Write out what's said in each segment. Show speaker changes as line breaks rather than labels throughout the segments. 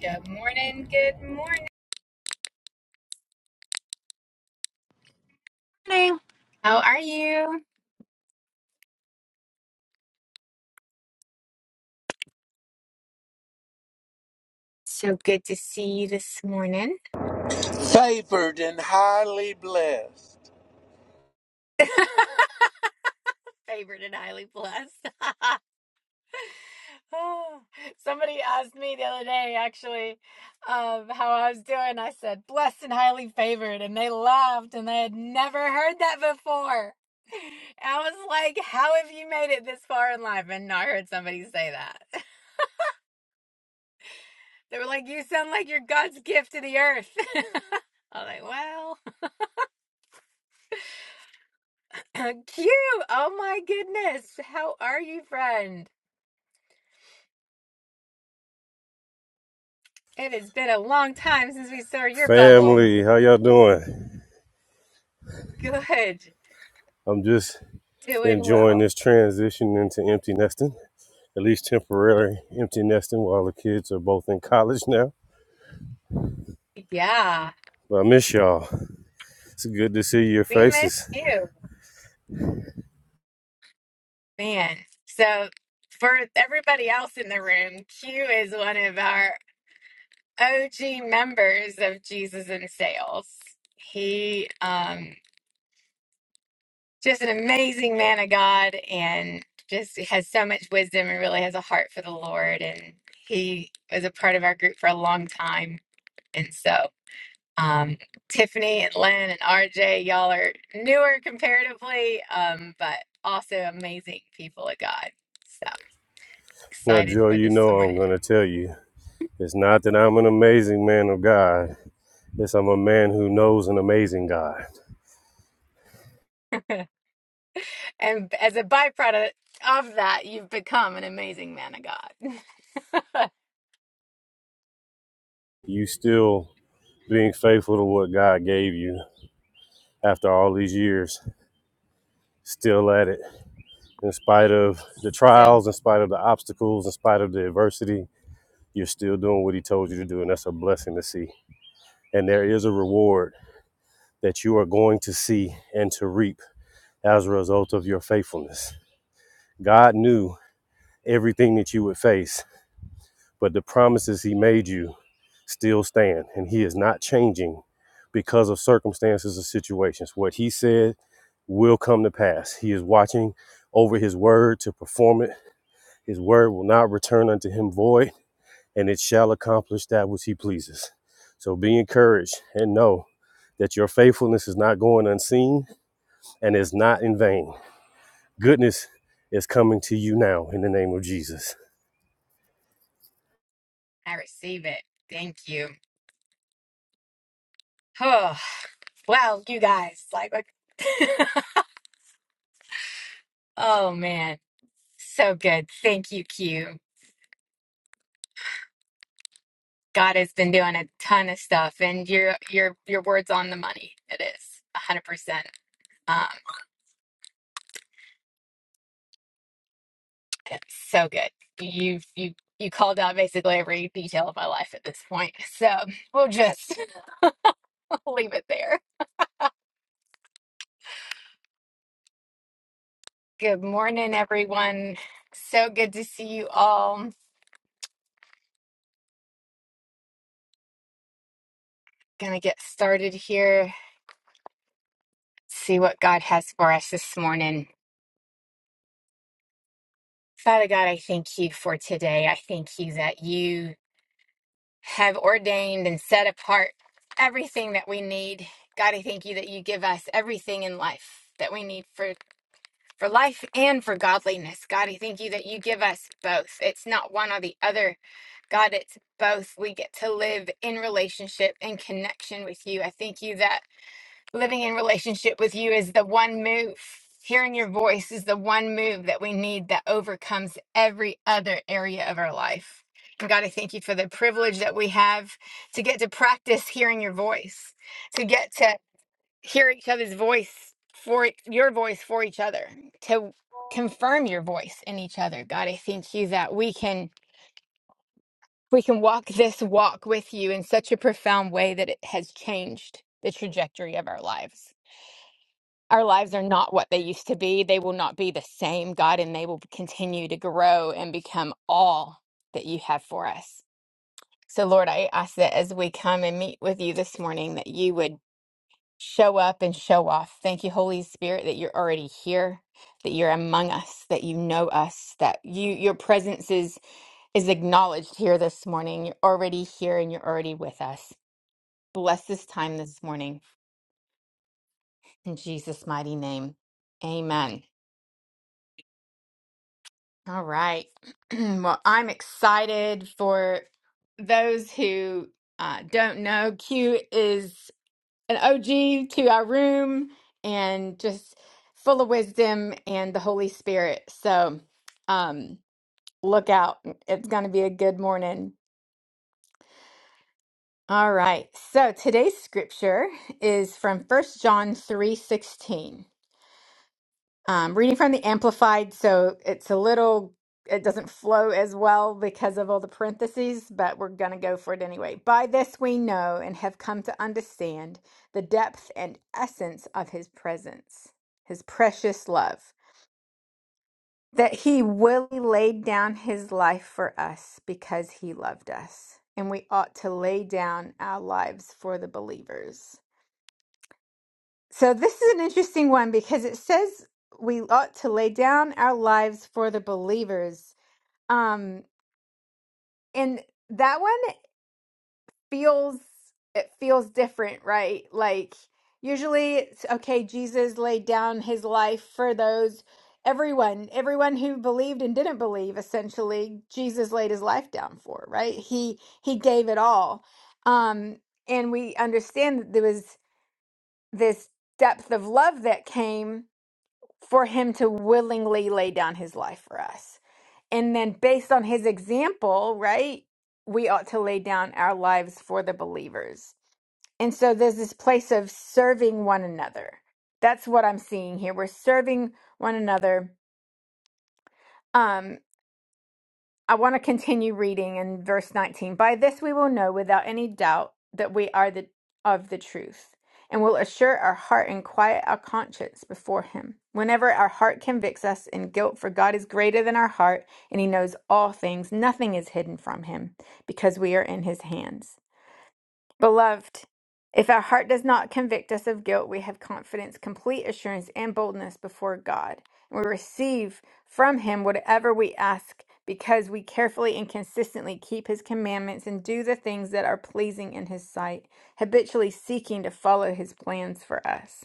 Good morning. Good morning.
Have
How are you? So good to see you this morning.
favored and highly blessed.
Favored and highly blessed. Oh, Somebody asked me the other day, actually, um, how I was doing. I said, blessed and highly favored. And they laughed and they had never heard that before. I was like, how have you made it this far in life? And I heard somebody say that. They were like, you sound like you're God's gift to the earth. i was like, well. Cute. Oh my goodness. How are you, friend? It has been a long time since we saw your bubble.
Family, how y'all doing?
Good.
I'm just
Doing
enjoying
well.
this transition into empty nesting, at least temporary empty nesting while the kids are both in college now.
Yeah.
But I miss y'all. It's good to see your
We
faces.
missed you, man. So, for everybody else in the room, Q is one of our OG members of Jesus in Sales. He um just an amazing man of God and just has so much wisdom and really has a heart for the Lord. And he was a part of our group for a long time. And so, um, Tiffany and Len and RJ, y'all are newer comparatively, um, but also amazing people of God. So
Now,
excited
Joy,
for
you
this
know I'm
morning.
going to tell you it's not that I'm an amazing man of God, it's I'm a man who knows an amazing God.
and as a byproduct of that, you've become an amazing man of God.
You still being faithful to what God gave you after all these years, still at it. in spite of the
so
trials, in spite of the obstacles, in spite of the adversity, you're still doing what he told you to do. And that's a blessing to see. And there is a reward that you are going to see and to reap as a result of your faithfulness. God knew everything that you would face, but the promises he made you still stand. And he is not changing because of circumstances or situations. What he said will come to pass. He is watching over his word to perform it His word will not return unto him void, and it shall accomplish that which he pleases. So be encouraged and know that your faithfulness is not going unseen and is not in vain. Goodness is coming to you now in the name of Jesus.
I receive it. Thank you. Oh, wow, you guys, like, like- oh man, so good. Thank you, Q. God has been doing a ton of stuff, and your your your words on the money. It a is a hundred percent. Um, it's so good. You you you called out basically every detail of my life at this point. So we'll just leave it there. Good morning, everyone. So good to see you all. Gonna get started here. See what God has for us this morning. Father God, I thank you for today. I thank you that you have ordained and set apart everything that we need. God, I thank you that you give us everything in life that we need for, for life and for godliness. God, I thank you that you give us both. It's not one or the other. God, it's both. We get to live in relationship and connection with you. I thank you that living in relationship with you is the one move. Hearing your voice is the one move that we need that overcomes every other area of our life. And God, I thank you for the privilege that we have to get to practice hearing your voice, to get to hear each other's voice for e, your voice for each other, to confirm your voice in each other. God, I thank you that we can we can walk this walk with you in such a profound way that it has changed the trajectory of our lives our lives are not what they used to be. They will not be the same, God, and they will continue to grow and become all that you have for us. So, Lord, I ask that as we come and meet with you this morning, that you would show up and show off. Thank you, Holy Spirit, that you're already here, that you're among us, that you know us, that you your presence is is acknowledged here this morning. You're already here and you're already with us. Bless this time this morning in Jesus' mighty name. Amen. All right. Well, I'm excited for those who uh, don't know. Q is an OG to our room and just full of wisdom and the Holy Spirit. So um, look out. It's going to be a good morning. All right. So today's scripture is from First John 3:16. Um, reading from the Amplified, so it's a little, it doesn't flow as well because of all the parentheses, but we're going to go for it anyway. By this we know and have come to understand the depth and essence of his presence, his precious love, that he willingly laid down his life for us because he loved us. And we ought to lay down our lives for the believers. So this is an interesting one because it says we ought to lay down our lives for the believers. Um and that one feels it feels different, right? Like usually it's okay Jesus laid down his life for those everyone, everyone who believed and didn't believe essentially Jesus laid his life down for, right? He he gave it all. Um and we understand that there was this depth of love that came for him to willingly lay down his life for us. And then, based on his example, right, we ought to lay down our lives for the believers. And so, there's this place of serving one another. That's what I'm seeing here. We're serving one another. Um, I want to continue reading in verse 19. By this we will know without any doubt that we are the, of the truth, and will assure our heart and quiet our conscience before Him. Whenever our heart convicts us in guilt, for God is greater than our heart, and He knows all things, nothing is hidden from Him, because we are in His hands. Beloved, if our heart does not convict us of guilt, we have confidence, complete assurance, and boldness before God. And we receive from Him whatever we ask because we carefully and consistently keep His commandments and do the things that are pleasing in His sight, habitually seeking to follow His plans for us.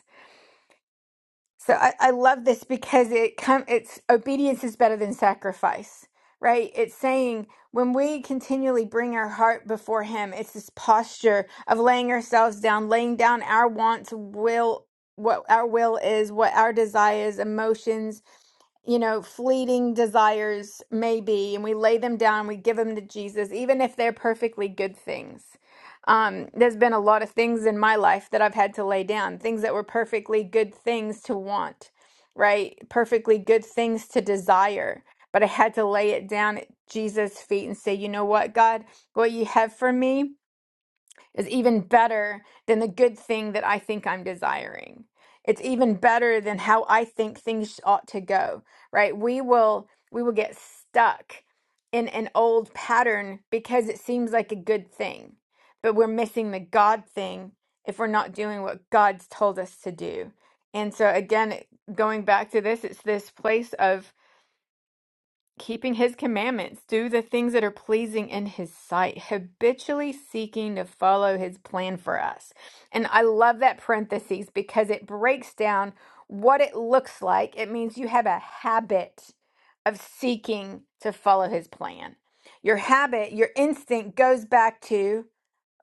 So I, I love this because it come it's obedience is better than sacrifice, right? It's saying when we continually bring our heart before him, it's this posture of laying ourselves down, laying down our wants, will, what our will is, what our desires, emotions, you know, fleeting desires may be, and we lay them down, we give them to Jesus, even if they're perfectly good things. Um, there's been a lot of things in my life that I've had to lay down, things that were perfectly good things to want, right? Perfectly good things to desire. But I had to lay it down at Jesus' feet and say, you know what, God, what you have for me is even better than the good thing that I think I'm desiring. It's even better than how I think things ought to go, right? We will we will get stuck in an old pattern because it seems like a good thing, but we're missing the God thing if we're not doing what God's told us to do. And so again, going back to this, it's this place of keeping his commandments, do the things that are pleasing in his sight, habitually seeking to follow his plan for us. And I love that parentheses because it breaks down what it looks like. It means you have a habit of seeking to follow his plan. Your habit, your instinct goes back to,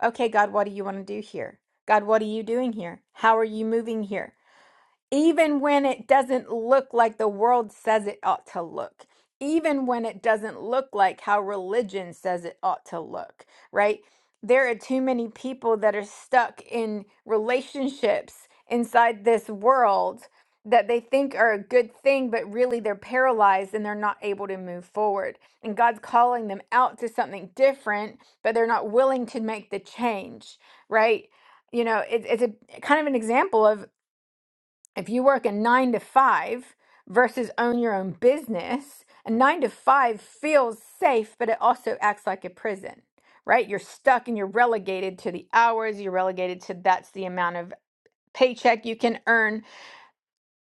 okay, God, what do you want to do here? God, what are you doing here? How are you moving here? even when it doesn't look like the world says it ought to look, even when it doesn't look like how religion says it ought to look, right? There are too many people that are stuck in relationships inside this world that they think are a good thing, but really they're paralyzed and they're not able to move forward. And God's calling them out to something different, but they're not willing to make the change, right? You know, it, it's a kind of an example of if you work a nine to five versus own your own business, a nine to five feels safe, but it also acts like a prison, right? You're stuck and you're relegated to the hours, you're relegated to that's the amount of paycheck you can earn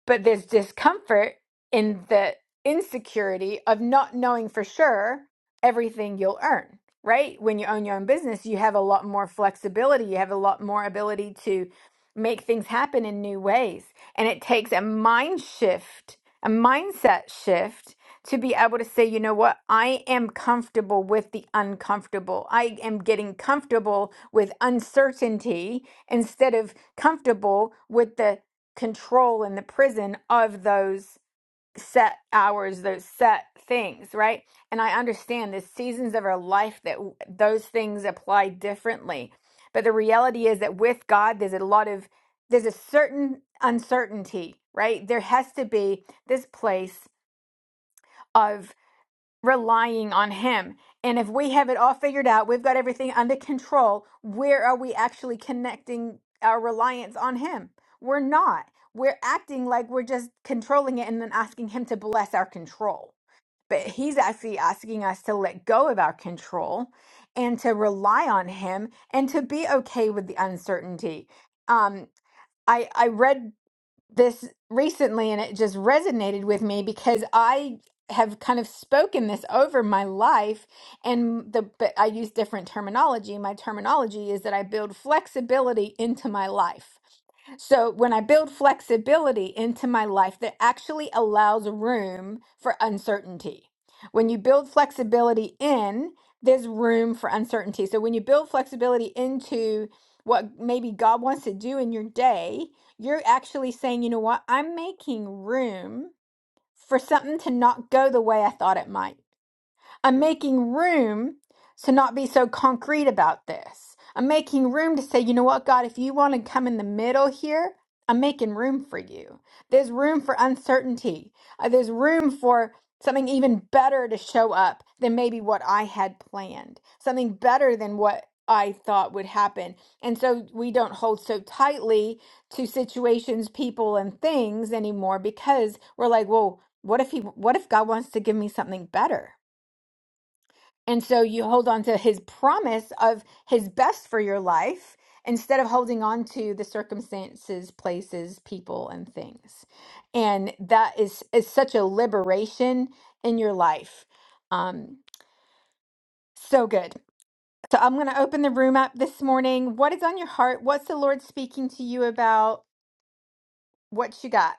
but there's discomfort in the insecurity of not knowing for sure everything you'll earn right when you own your own business you have a lot more flexibility you have a lot more ability to make things happen in new ways and it takes a mind shift a mindset shift to be able to say you know what i am comfortable with the uncomfortable i am getting comfortable with uncertainty instead of comfortable with the control and the prison of those set hours, those set things, right? And I understand the seasons of our life that w- those things apply differently. But the reality is that with God, there's a lot of, there's a certain uncertainty, right? There has to be this place of relying on Him. And if we have it all figured out, we've got everything under control, where are we actually connecting our reliance on Him? We're not. We're acting like we're just controlling it and then asking Him to bless our control. But He's actually asking us to let go of our control and to rely on Him and to be okay with the uncertainty. Um, I, I read this recently and it just resonated with me because I have kind of spoken this over my life and the but I use different terminology. My terminology is that I build flexibility into my life. So when I build flexibility into my life that actually allows room for uncertainty. When you build flexibility in, there's room for uncertainty. So when you build flexibility into what maybe God wants to do in your day, you're actually saying, you know what? I'm making room for something to not go the way I thought it might. I'm making room to not be so concrete about this. I'm making room to say, you know what, God, if you want to come in the middle here, I'm making room for you. There's room for uncertainty. Uh, there's room for something even better to show up than maybe what I had planned, something better than what I thought would happen. And so we don't hold so tightly to situations, people, and things anymore because we're like, well, what if he what if God wants to give me something better? And so you hold on to his promise of his best for your life instead of holding on to the circumstances, places, people, and things. And that is, is such a liberation in your life. Um, so good. So I'm going to open the room up this morning. What is on your heart? What's the Lord speaking to you about? What you got?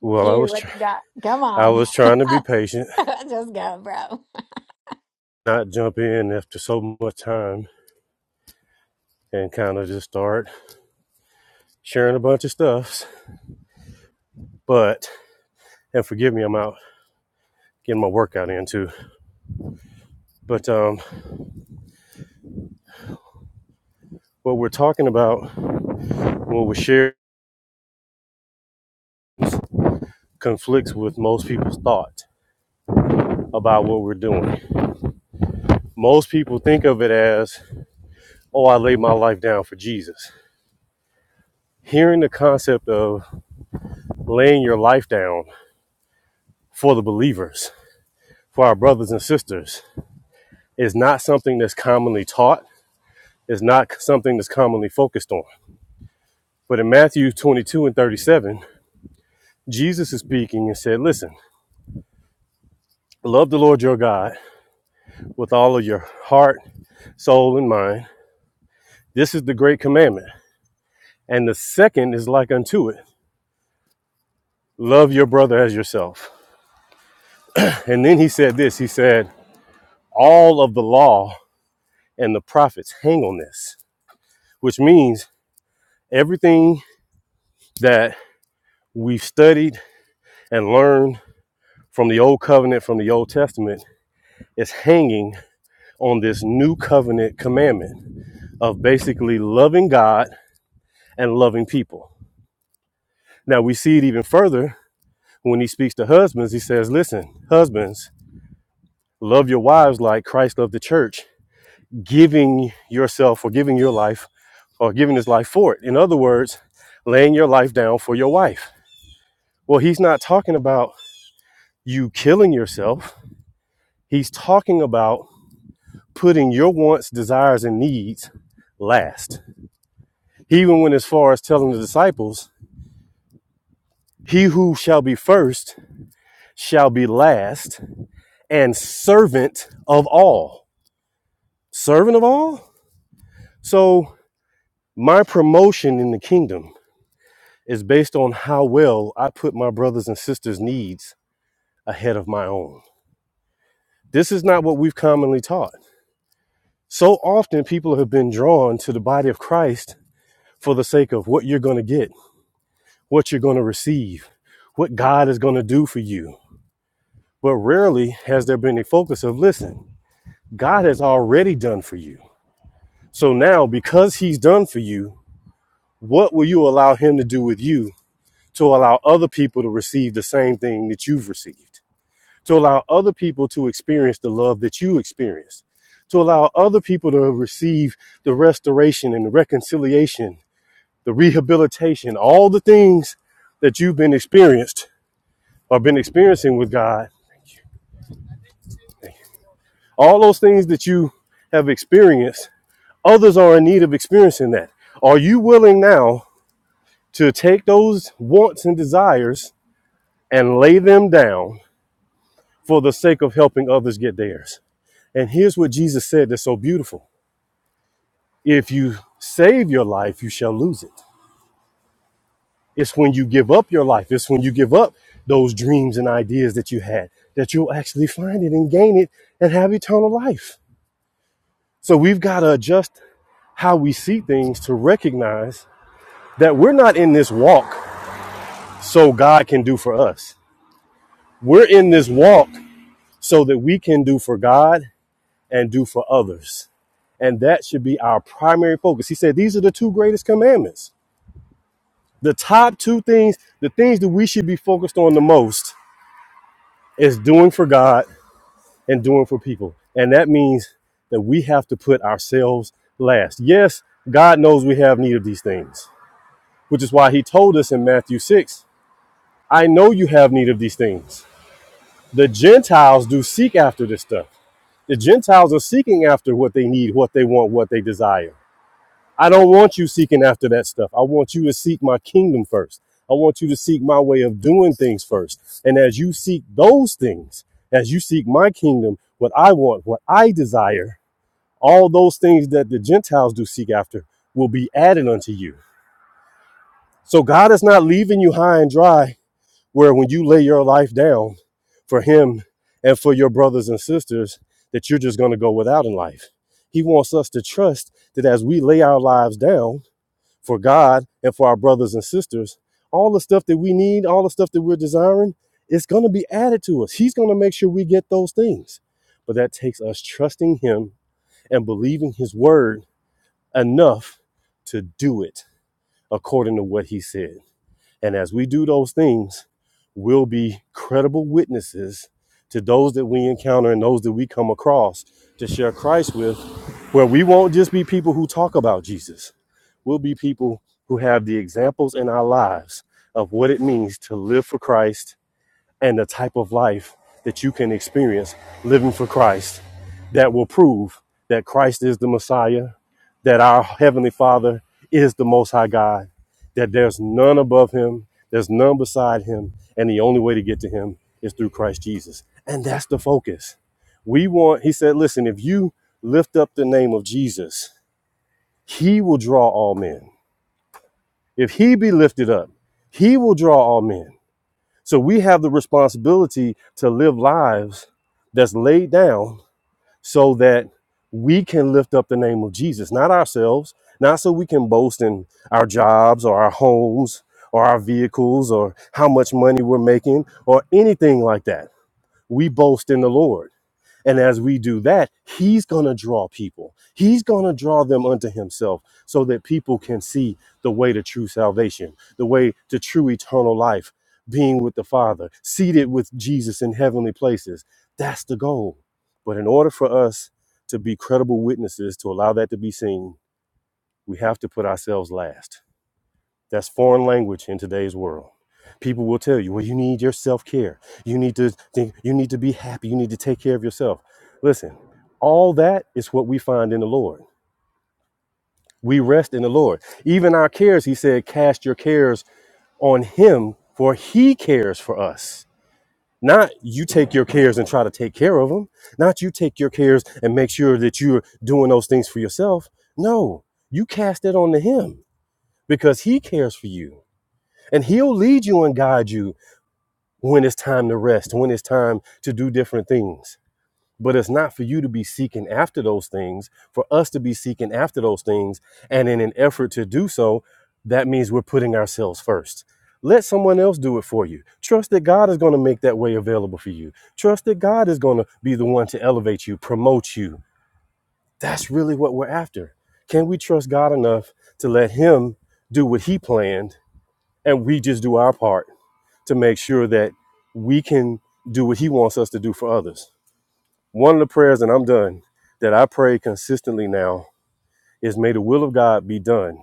Well, I
Q,
was
what
try-
you got? Come
I
on.
was trying to be patient,
Just go, bro.
not jump in after so much time and kind of just start sharing a bunch of stuff. But and forgive me, I'm out getting my workout in too. But um, what we're talking about when we share. conflicts with most people's thoughts about what we're doing. Most people think of it as, oh, I laid my life down for Jesus. Hearing the concept of laying your life down for the believers, for our brothers and sisters, is not something that's commonly taught, It's not something that's commonly focused on. But in Matthew 22 and 37, Jesus is speaking and said, Listen, love the Lord your God with all of your heart, soul, and mind. This is the great commandment. And the second is like unto it love your brother as yourself. And then he said this he said, all of the law and the prophets hang on this, which means everything that we've studied and learned from the old covenant, from the Old Testament, is hanging on this new covenant commandment of basically loving God and loving people. Now we see it even further when he speaks to husbands. He says, listen, husbands, love your wives like Christ loved the church, giving yourself or giving your life or giving his life for it. In other words, laying your life down for your wife. Well, he's not talking about you killing yourself, he's talking about putting your wants, desires, and needs last. He even went as far as telling the disciples, He who shall be first shall be last and servant of all. Servant of all? So, my promotion in the kingdom is based on how well I put my brothers and sisters' needs ahead of my own. This is not what we've commonly taught. So often people have been drawn to the body of Christ for the sake of what you're going to get, what you're going to receive, what God is going to do for you. But rarely has there been a focus of listen, God has already done for you. So now, because He's done for you, what will you allow Him to do with you to allow other people to receive the same thing that you've received? to allow other people to experience the love that you experienced, to allow other people to receive the restoration and the reconciliation, the rehabilitation, all the things that you've been experienced or been experiencing with God, all those things that you have experienced, others are in need of experiencing that. Are you willing now to take those wants and desires and lay them down for the sake of helping others get theirs? And here's what Jesus said that's so beautiful. If you save your life, you shall lose it. It's when you give up your life, it's when you give up those dreams and ideas that you had that you'll actually find it and gain it and have eternal life. So we've got to adjust how we see things to recognize that we're not in this walk so God can do for us. We're in this walk so that we can do for God and do for others. And that should be our primary focus. He said, These are the two greatest commandments The top two things, the things that we should be focused on the most is doing for God and doing for people. And that means that we have to put ourselves last. Yes, God knows we have need of these things, which is why he told us in Matthew 6, I know you have need of these things. The Gentiles do seek after this stuff. The Gentiles are seeking after what they need, what they want, what they desire. I don't want you seeking after that stuff. I want you to seek my kingdom first. I want you to seek my way of doing things first. And as you seek those things, as you seek my kingdom, what I want, what I desire, all those things that the Gentiles do seek after will be added unto you. So God is not leaving you high and dry where when you lay your life down for him and for your brothers and sisters that you're just going to go without in life. He wants us to trust that as we lay our lives down, for God and for our brothers and sisters, all the stuff that we need, all the stuff that we're desiring, it's going to be added to us. He's going to make sure we get those things. But that takes us trusting Him and believing His word enough to do it according to what He said. And as we do those things, we'll be credible witnesses to those that we encounter and those that we come across to share Christ with, where we won't just be people who talk about Jesus We'll be people who have the examples in our lives of what it means to live for Christ and the type of life that you can experience living for Christ that will prove that Christ is the Messiah, that our Heavenly Father is the Most High God, that there's none above Him, there's none beside Him, and the only way to get to Him is through Christ Jesus. And that's the focus. We want, He said, listen, if you lift up the name of Jesus, He will draw all men. If he be lifted up, he will draw all men. So we have the responsibility to live lives that's laid down so that we can lift up the name of Jesus, not ourselves, not so we can boast in our jobs or our homes or our vehicles or how much money we're making or anything like that. We boast in the Lord. And as we do that, he's going to draw people. He's going to draw them unto himself so that people can see the way to true salvation, the way to true eternal life, being with the Father, seated with Jesus in heavenly places. That's the goal. But in order for us to be credible witnesses, to allow that to be seen, we have to put ourselves last that's foreign language in today's world. People will tell you, well, you need your self care. You need to think, you need to be happy. You need to take care of yourself. Listen, all that is what we find in the Lord. We rest in the Lord. Even our cares, he said, cast your cares on him, for he cares for us. Not you take your cares and try to take care of them. Not you take your cares and make sure that you're doing those things for yourself. No, you cast it on to him because he cares for you. And he'll lead you and guide you when it's time to rest, when it's time to do different things. But it's not for you to be seeking after those things, for us to be seeking after those things. And in an effort to do so, that means we're putting ourselves first. Let someone else do it for you. Trust that God is going to make that way available for you. Trust that God is going to be the one to elevate you, promote you. That's really what we're after. Can we trust God enough to let Him do what He planned and we just do our part? to make sure that we can do what he wants us to do for others. One of the prayers, and I'm done, that I pray consistently now is may the will of God be done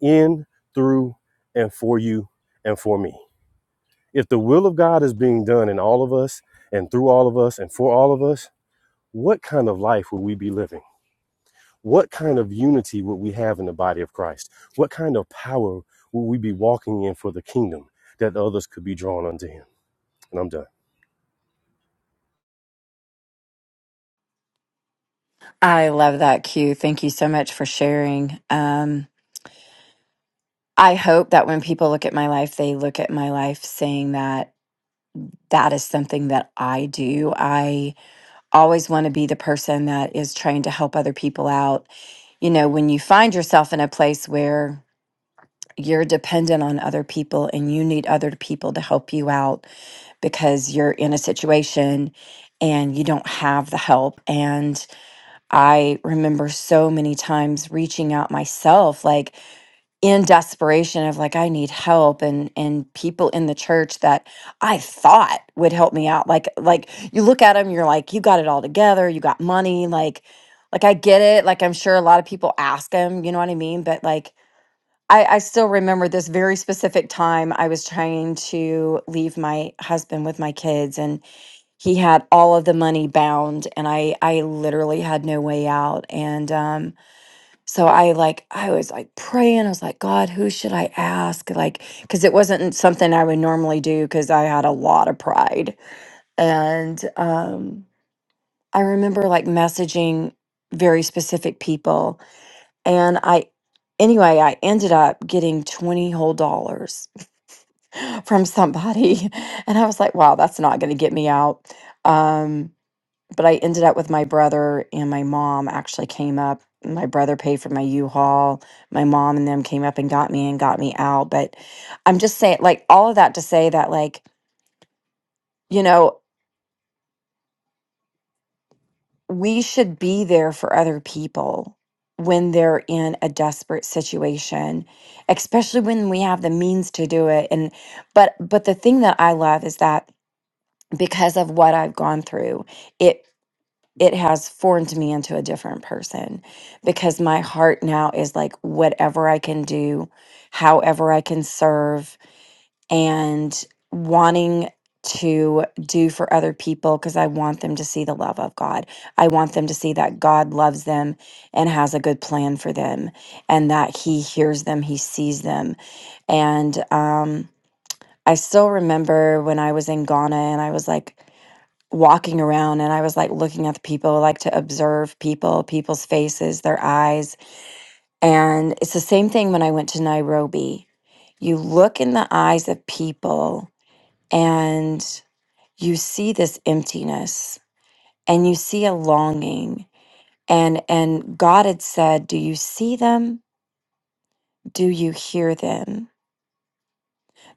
in, through, and for you and for me. If the will of God is being done in all of us and through all of us and for all of us, what kind of life would we be living? What kind of unity would we have in the body of Christ? What kind of power would we be walking in for the kingdom that others could be drawn unto him? And I'm done.
I love that, Q. Thank you so much for sharing. Um, I hope that when people look at my life, they look at my life saying that that is something that I do. I always want to be the person that is trying to help other people out. You know, when you find yourself in a place where you're dependent on other people and you need other people to help you out because you're in a situation and you don't have the help. and. I remember so many times reaching out myself like in desperation of like I need help and and people in the church that I thought would help me out like like you look at them you're like you got it all together you got money like like I get it like I'm sure a lot of people ask them you know what I mean but like I I still remember this very specific time I was trying to leave my husband with my kids and he had all of the money bound and i i literally had no way out and um so i like i was like praying i was like god who should i ask like because it wasn't something i would normally do because i had a lot of pride and um i remember like messaging very specific people and i anyway i ended up getting 20 whole dollars from somebody and i was like wow that's not going to get me out um but I ended up with my brother and my mom actually came up. My brother paid for my U-Haul. My mom and them came up and got me and got me out. But I'm just saying, like, all of that to say that, like, you know, we should be there for other people when they're in a desperate situation, especially when we have the means to do it. And, but, but the thing that I love is that because of what I've gone through, it. it has formed me into a different person because my heart now is like whatever I can do, however I can serve, and wanting to do for other people because I want them to see the love of God. I want them to see that God loves them and has a good plan for them and that He hears them, He sees them. And um, I still remember when I was in Ghana and I was like, walking around and I was like looking at the people, like to observe people, people's faces, their eyes. And it's the same thing when I went to Nairobi. You look in the eyes of people and you see this emptiness and you see a longing. And and God had said, "Do you see them? Do you hear them?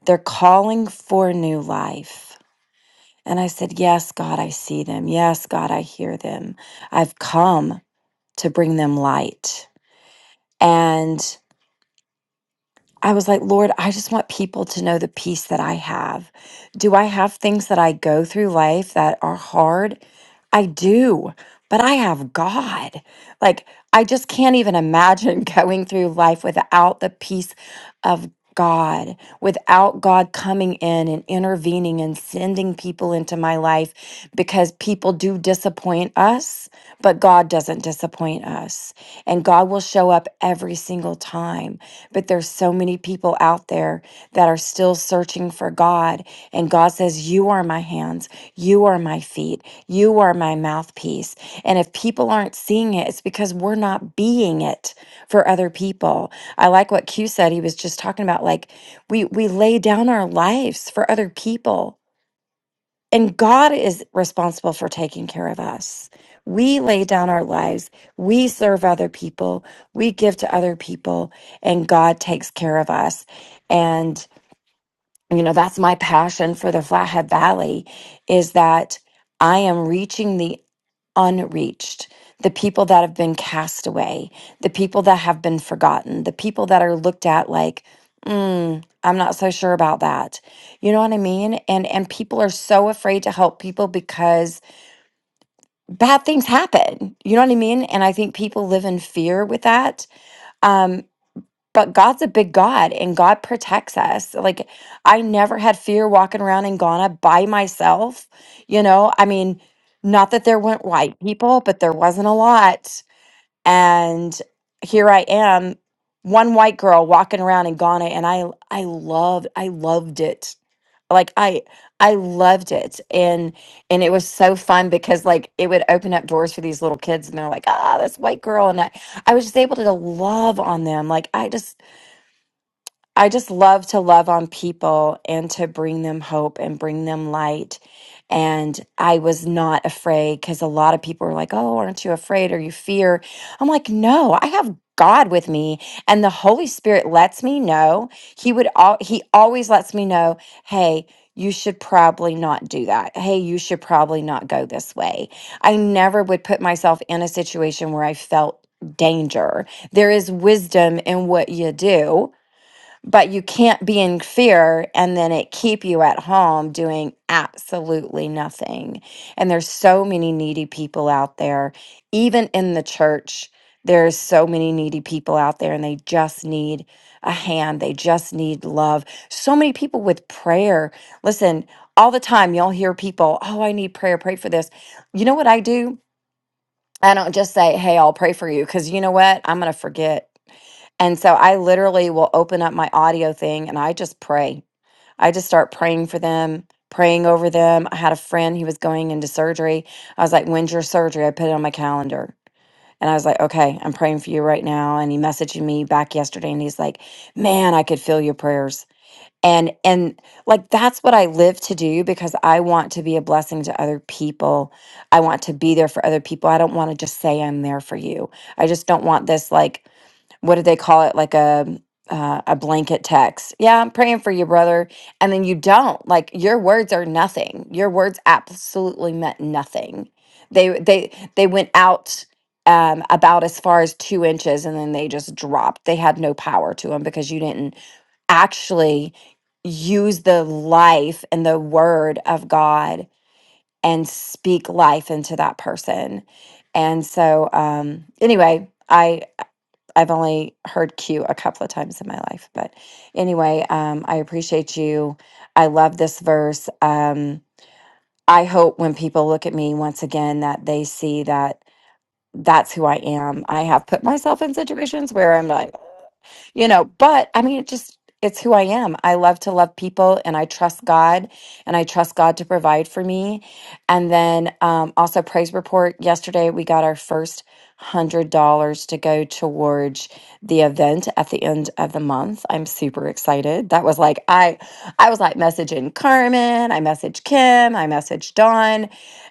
They're calling for new life." And I said, "Yes, God, I see them. Yes, God, I hear them. I've come. to bring them light. And I was like, Lord, I just want people to know the peace that I have. Do I have things that I go through life that are hard? I do, but I have God. Like, I just can't even imagine going through life without the peace of God without God coming in and intervening and sending people into my life because people do disappoint us, but God doesn't disappoint us. And God will show up every single time. But there's so many people out there that are still searching for God. And God says, You are my hands, you are my feet, you are my mouthpiece. And if people aren't seeing it, it's because we're not being it for other people. I like what Q said. He was just talking about like, we we lay down our lives for other people. And God is responsible for taking care of us. We lay down our lives. We serve other people. We give to other people and God takes care of us. And you know that's my passion for the flathead valley is that i am reaching the unreached the people that have been cast away the people that have been forgotten the people that are looked at like mm, i'm not so sure about that you know what i mean and and people are so afraid to help people because bad things happen you know what i mean and i think people live in fear with that Um, but God's a big God and God protects us. Like I never had fear walking around in Ghana by myself. You know, I mean, not that there weren't white people, but there wasn't a lot. And here I am, one white girl walking around in Ghana and I I loved I loved it. Like I I loved it. And and it was so fun because like it would open up doors for these little kids and they're like, ah, this white girl. And I, I was just able to love on them. Like I just I just love to love on people and to bring them hope and bring them light. And I was not afraid because a lot of people were like, Oh, aren't you afraid or you fear? I'm like, No, I have God with me. And the Holy Spirit lets me know. He would, all He always lets me know, Hey, you should probably not do that. Hey, you should probably not go this way. I never would put myself in a situation where I felt danger. There is wisdom in what you do but you can't be in fear and then it keep you at home doing absolutely nothing and there's so many needy people out there even in the church there's so many needy people out there and they just need a hand they just need love so many people with prayer listen all the time you'll hear people oh i need prayer pray for this you know what i do i don't just say hey i'll pray for you because you know what i'm gonna forget and so I literally will open up my audio thing and I just pray. I just start praying for them, praying over them. I had a friend who was going into surgery. I was like, When's your surgery? I put it on my calendar. And I was like, Okay, I'm praying for you right now. And he messaged me back yesterday and he's like, Man, I could feel your prayers. And and like that's what I live to do because I want to be a blessing to other people. I want to be there for other people. I don't want to just say I'm there for you. I just don't want this like what did they call it like a uh, a blanket text yeah i'm praying for you brother and then you don't like your words are nothing your words absolutely meant nothing they they they went out um, about as far as two inches and then they just dropped they had no power to them because you didn't actually use the life and the word of god and speak life into that person and so um anyway i I've only heard Q a couple of times in my life, but anyway, um, I appreciate you. I love this verse. Um, I hope when people look at me once again that they see that that's who I am. I have put myself in situations where I'm like, you know, but I mean, it just, it's who I am. I love to love people and I trust God and I trust God to provide for me. And then um, also, praise report yesterday, we got our first $100 to go towards the event at the end of the month. I'm super excited. That was like, I, I was like messaging Carmen, I messaged Kim, I messaged Dawn.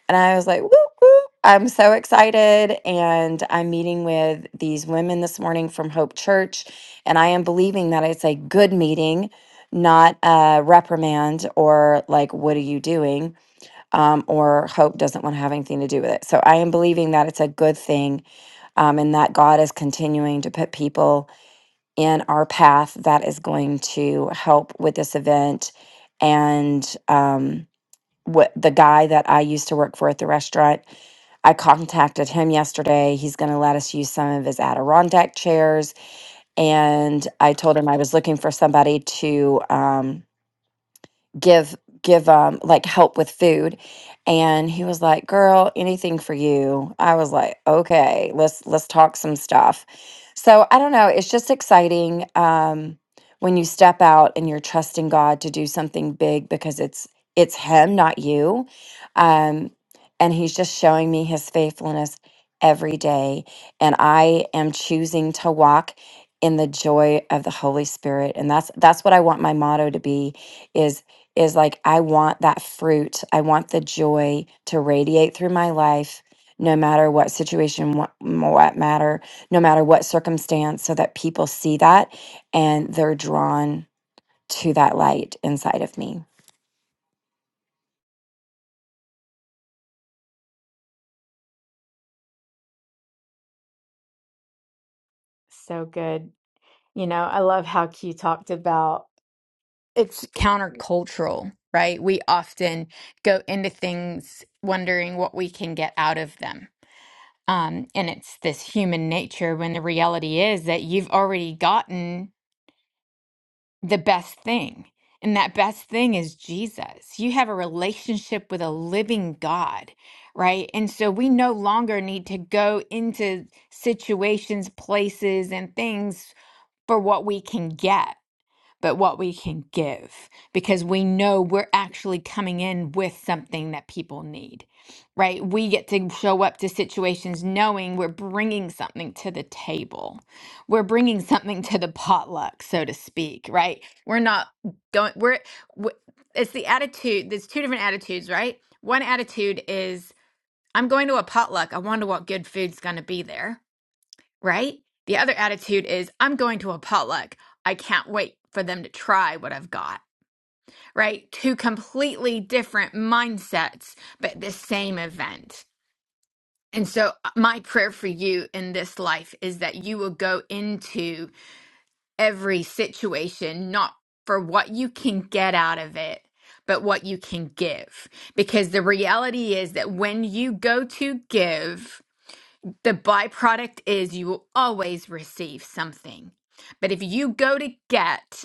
And I was like, whoop, whoop. I'm so excited. And I'm meeting with these women this morning from Hope Church. And I am believing that it's a good meeting, not a reprimand or like, what are you doing? Um, or Hope doesn't want to have anything to do with it. So I am believing that it's a good thing um, and that God is continuing to put people in our path that is going to help with this event. And, um, what the guy that I used to work for at the restaurant. I contacted him yesterday. He's going to let us use some of his Adirondack chairs, and I told him I was looking for somebody to. Um, give give um like help with food and he was like girl anything for you i was like okay let's let's talk some stuff so i don't know it's just exciting um when you step out and you're trusting god to do something big because it's it's him not you um and he's just showing me his faithfulness every day and i am choosing to walk in the joy of the holy spirit and that's that's what i want my motto to be Is is like I want that fruit. I want the joy to radiate through my life no matter what situation what, what matter no matter what circumstance so that people see that and they're drawn to that light inside of me.
So good. You know, I love how Q talked about. it's countercultural, right? We often go into things wondering what we can get out of them. Um, and it's this human nature when the reality is that you've already gotten the best thing. And that best thing is Jesus. You have a relationship with a living God, right? And so we no longer need to go into situations, places, and things for what we can get but what we can give because we know we're actually coming in with something that people need, right? We get to show up to situations knowing we're bringing something to the table. We're bringing something to the potluck, so to speak, right? We're not going, we're, w- it's the attitude, there's two different attitudes, right? One attitude is, I'm going to a potluck. I wonder what good food's going to be there right? The other attitude is I'm going to a potluck. I can't wait for them to try what I've got, right? Two completely different mindsets, but the same event. And so, uh, my prayer for you in this life is that you will go into every situation not for what you can get out of it, but what you can give. Because the reality is that when you go to give, the byproduct is you will always receive something. But if you go to get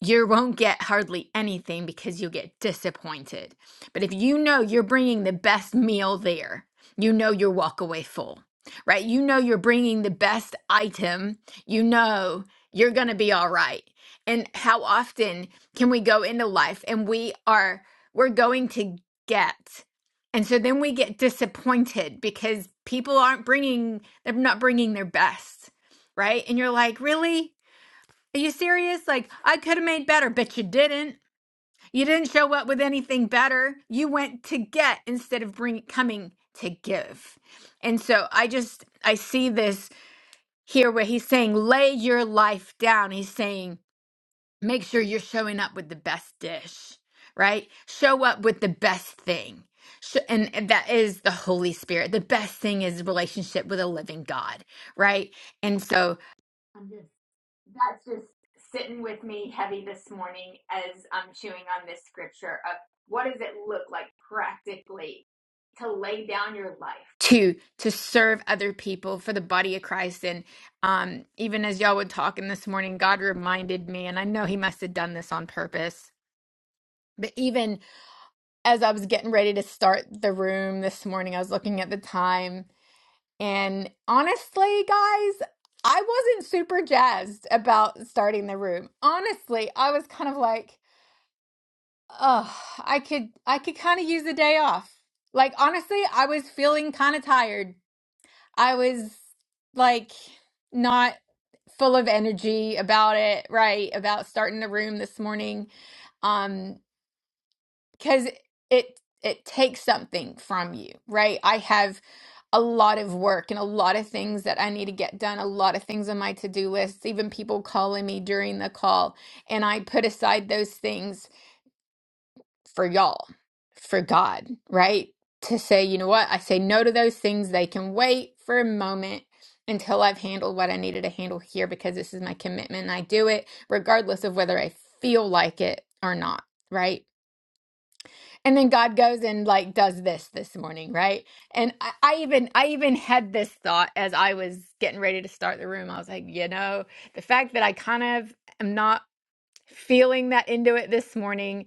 you won't get hardly anything because you'll get disappointed. But if you know you're bringing the best meal there, you know you'll walk away full, right? You know you're bringing the best item, you know you're going to be all right. And how often can we go into life and we are, we're going to get. And so then we get disappointed because people aren't bringing, they're not bringing their best, right? And you're like, really? Are you serious? Like, I could have made better, but you didn't. You didn't show up with anything better. You went to get instead of bring coming to give. And so I just I see this here where he's saying lay your life down. He's saying make sure you're showing up with the best dish, right? Show up with the best thing. Sh- And and that is the Holy Spirit. The best thing is relationship with a living God, right? And so that's just sitting with me heavy this morning as I'm chewing on this scripture of what does it look like practically to lay down your life to to serve other people for the body of Christ and um even as y'all were talking this morning God reminded me and I know he must have done this on purpose but even as I was getting ready to start the room this morning I was looking at the time and honestly, guys, I wasn't super jazzed about starting the room. Honestly, I was kind of like, oh, I could I could kind of use a day off. Like honestly, I was feeling kind of tired. I was like not full of energy about it, right? About starting the room this morning. Um, because it it takes something from you, right? I have a lot of work and a lot of things that I need to get done, a lot of things on my to do lists, even people calling me during the call. And I put aside those things for y'all, for God, right? To say, you know what? I say no to those things. They can wait for a moment until I've handled what I needed to handle here because this is my commitment and I do it regardless of whether I feel like it or not, right? and then God goes and like does this this morning, right? And I, I even I even had this thought as I was getting ready to start the room. I was like, you know, the fact that I kind of am not feeling that into it this morning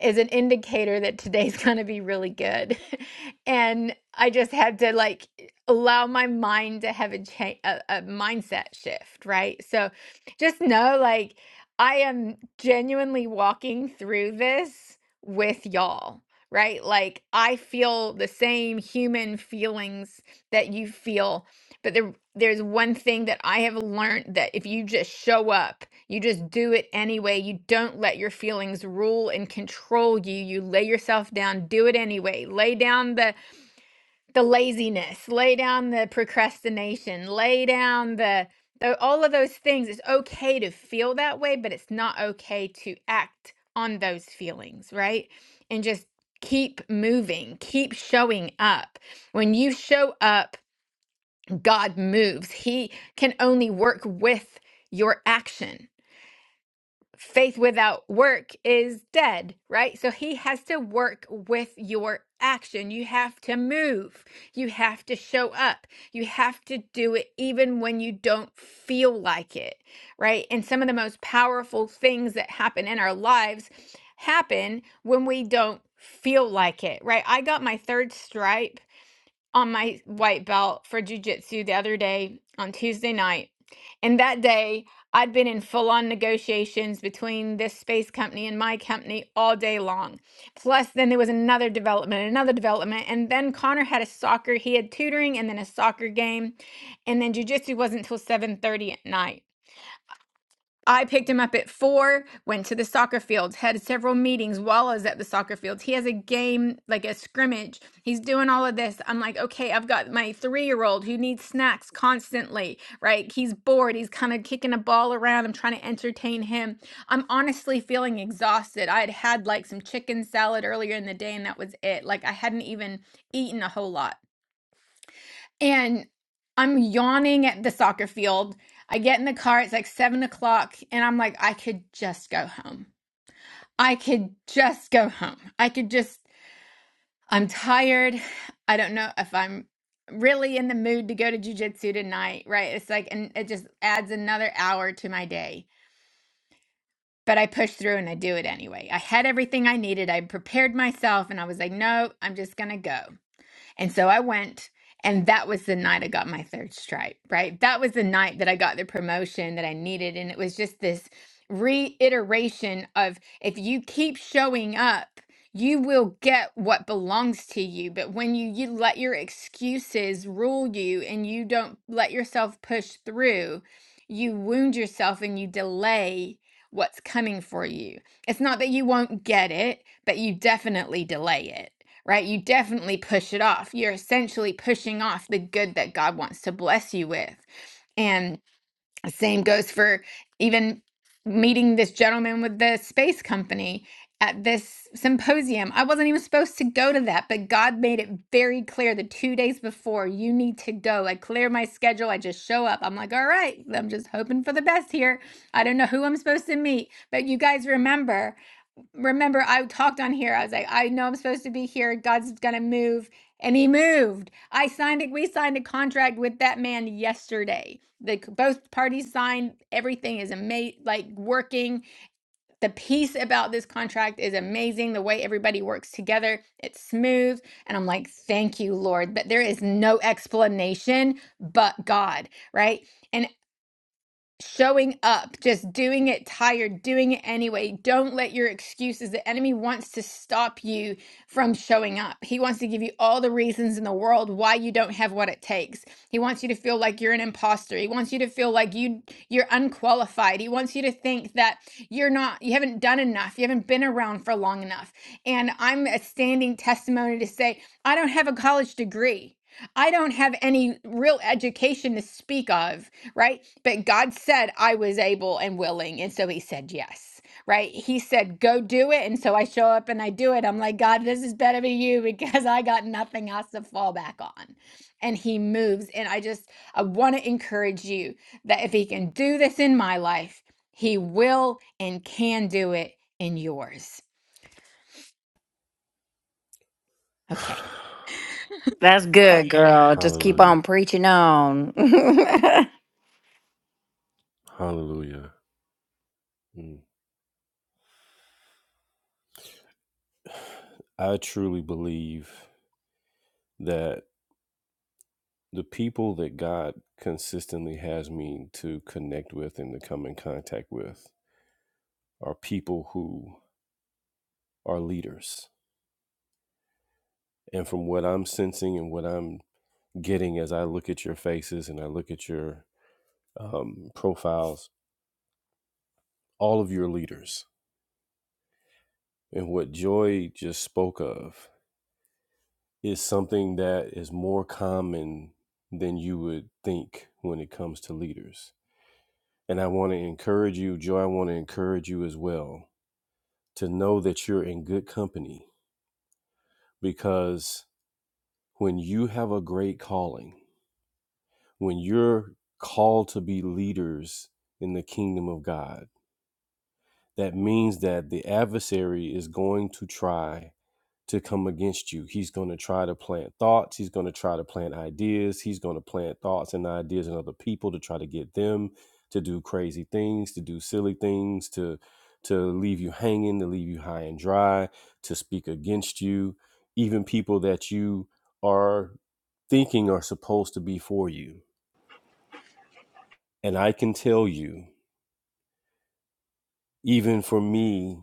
is an indicator that today's going to be really good. and I just had to like allow my mind to have a, cha- a a mindset shift, right? So just know like I am genuinely walking through this with y'all, right? Like I feel the same human feelings that you feel, but there there's one thing that I have learned that if you just show up you just do it anyway. You don't let your feelings rule and control you. You lay yourself down, do it anyway. Lay down the the laziness, lay down the procrastination, lay down the, the all of those things. It's okay to feel that way, but it's not okay to act on those feelings, right? And just keep moving, keep showing up. When you show up, God moves. He can only work with your action faith without work is dead, right? So he has to work with your action. You have to move. You have to show up. You have to do it even when you don't feel like it, right? And some of the most powerful things that happen in our lives happen when we don't feel like it, right? I got my third stripe on my white belt for jujitsu the other day on Tuesday night. And that day, I'd been in full on negotiations between this space company and my company all day long. Plus, then there was another development, another development. And then Connor had a soccer, he had tutoring and then a soccer game. And then jujitsu wasn't until 7.30 at night. I picked him up at four, went to the soccer fields, had several meetings while I was at the soccer fields. He has a game, like a scrimmage. He's doing all of this. I'm like, okay, I've got my three year old who needs snacks constantly, right? He's bored. He's kind of kicking a ball around. I'm trying to entertain him. I'm honestly feeling exhausted. I had had like some chicken salad earlier in the day, and that was it. Like, I hadn't even eaten a whole lot and I'm yawning at the soccer field. I get in the car, it's like seven o'clock, and I'm like, I could just go home. I could just go home. I could just, I'm tired. I don't know if I'm really in the mood to go to jujitsu tonight, right? It's like, and it just adds another hour to my day. But I push through and I do it anyway. I had everything I needed. I prepared myself and I was like, no, I'm just going to go. And so I went, and that was the night I got my third stripe, right? That was the night that I got the promotion that I needed. And it was just this reiteration of if you keep showing up, you will get what belongs to you. But when you, you let your excuses rule you and you don't let yourself push through, you wound yourself and you delay what's coming for you. It's not that you won't get it, but you definitely delay it right? You definitely push it off. You're essentially pushing off the good that God wants to bless you with. And same goes for even meeting this gentleman with the space company at this symposium. I wasn't even supposed to go to that, but God made it very clear the two days before you need to go. I clear my schedule. I just show up. I'm like, all right, I'm just hoping for the best here. I don't know who I'm supposed to meet, but you guys remember remember I talked on here. I was like, I know I'm supposed to be here. God's gonna move. And he moved. I signed it. We signed a contract with that man yesterday. The both parties signed. Everything is amazing. Like working. The piece about this contract is amazing. The way everybody works together, it's smooth. And I'm like, thank you, Lord, that there is no explanation but God, right? And showing up, just doing it tired, doing it anyway. Don't let your excuses. The enemy wants to stop you from showing up. He wants to give you all the reasons in the world why you don't have what it takes. He wants you to feel like you're an imposter. He wants you to feel like you you're unqualified. He wants you to think that you're not you haven't done enough. You haven't been around for long enough. And I'm a standing testimony to say I don't have a college degree. I don't have any real education to speak of, right? But God said I was able and willing. And so he said yes, right? He said, go do it. And so I show up and I do it. I'm like, God, this is better than you because I got nothing else to fall back on. And he moves. And I just, I want to encourage you that if he can do this in my life, he will and can do it in yours. Okay.
That's good, girl. Just keep
Hallelujah.
on preaching on.
Hallelujah. Mm. I truly believe that the people that God consistently has me to connect with and to come in contact with are people who are leaders. And from what I'm sensing and what I'm getting as I look at your faces and I look at your um, profiles, all of your leaders and what Joy just spoke of is something that is more common than you would think when it comes to leaders. And I want to encourage you, Joy, I want to encourage you as well to know that you're in good company because when you have a great calling, when you're called to be leaders in the kingdom of God, that means that the adversary is going to try to come against you. He's going to try to plant thoughts. He's going to try to plant ideas. He's going to plant thoughts and ideas in other people to try to get them to do crazy things, to do silly things, to to leave you hanging, to leave you high and dry, to speak against you, even people that you are thinking are supposed to be for you. And I can tell you, even for me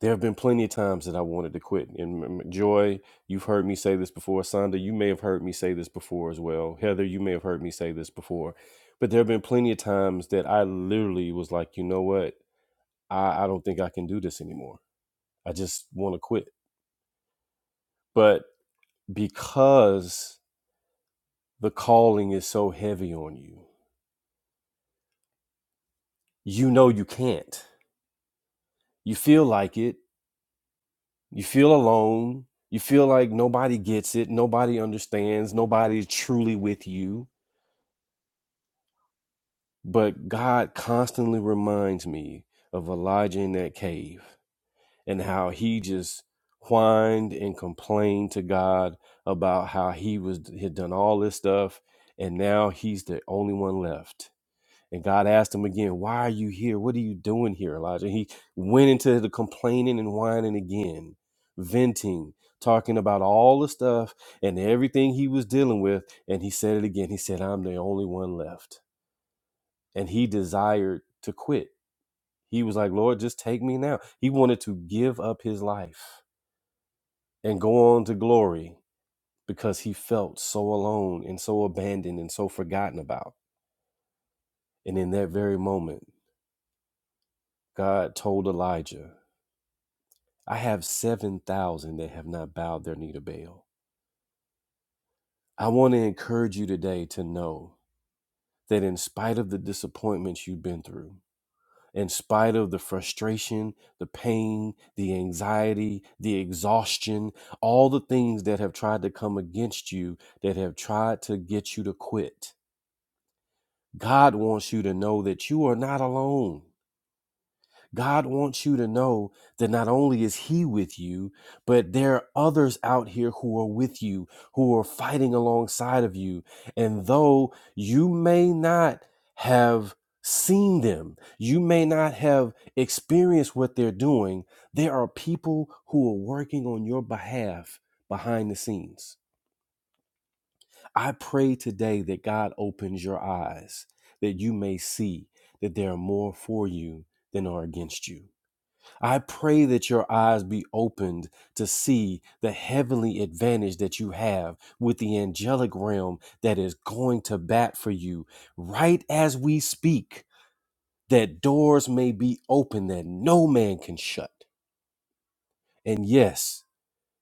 There have been plenty of times that I wanted to quit. And m- m- Joy, you've heard me say this before. Sonda, you may have heard me say this before as well. Heather, you may have heard me say this before. But there have been plenty of times that I literally was like, you know what? I, I don't think I can do this anymore. I just want to quit. But because the calling is so heavy on you, you know you can't. You feel like it. You feel alone. You feel like nobody gets it. Nobody understands. Nobody's truly with you But God constantly reminds me of Elijah in that cave and how he just whined and complained to God about how he was had done all this stuff and now he's the only one left. And God asked him again, "Why are you here? What are you doing here, Elijah?" He went into the complaining and whining again, venting, talking about all the stuff and everything he was dealing with, and he said it again. He said, "I'm the only one left." and he desired to quit. He was like, Lord, just take me now. He wanted to give up his life and go on to glory because he felt so alone and so abandoned and so forgotten about. And in that very moment, God told Elijah, I have 7,000 that have not bowed their knee to Baal. I want to encourage you today to know that in spite of the disappointments you've been through, in spite of the frustration, the pain, the anxiety, the exhaustion, all the things that have tried to come against you, that have tried to get you to quit. God wants you to know that you are not alone. God wants you to know that not only is He with you, but there are others out here who are with you, who are fighting alongside of you. And though you may not have seen them, you may not have experienced what they're doing, there are people who are working on your behalf behind the scenes. I pray today that God opens your eyes, that you may see that there are more for you than are against you I pray that your eyes be opened to see the heavenly advantage that you have with the angelic realm that is going to bat for you right as we speak, that doors may be open that no man can shut. And yes,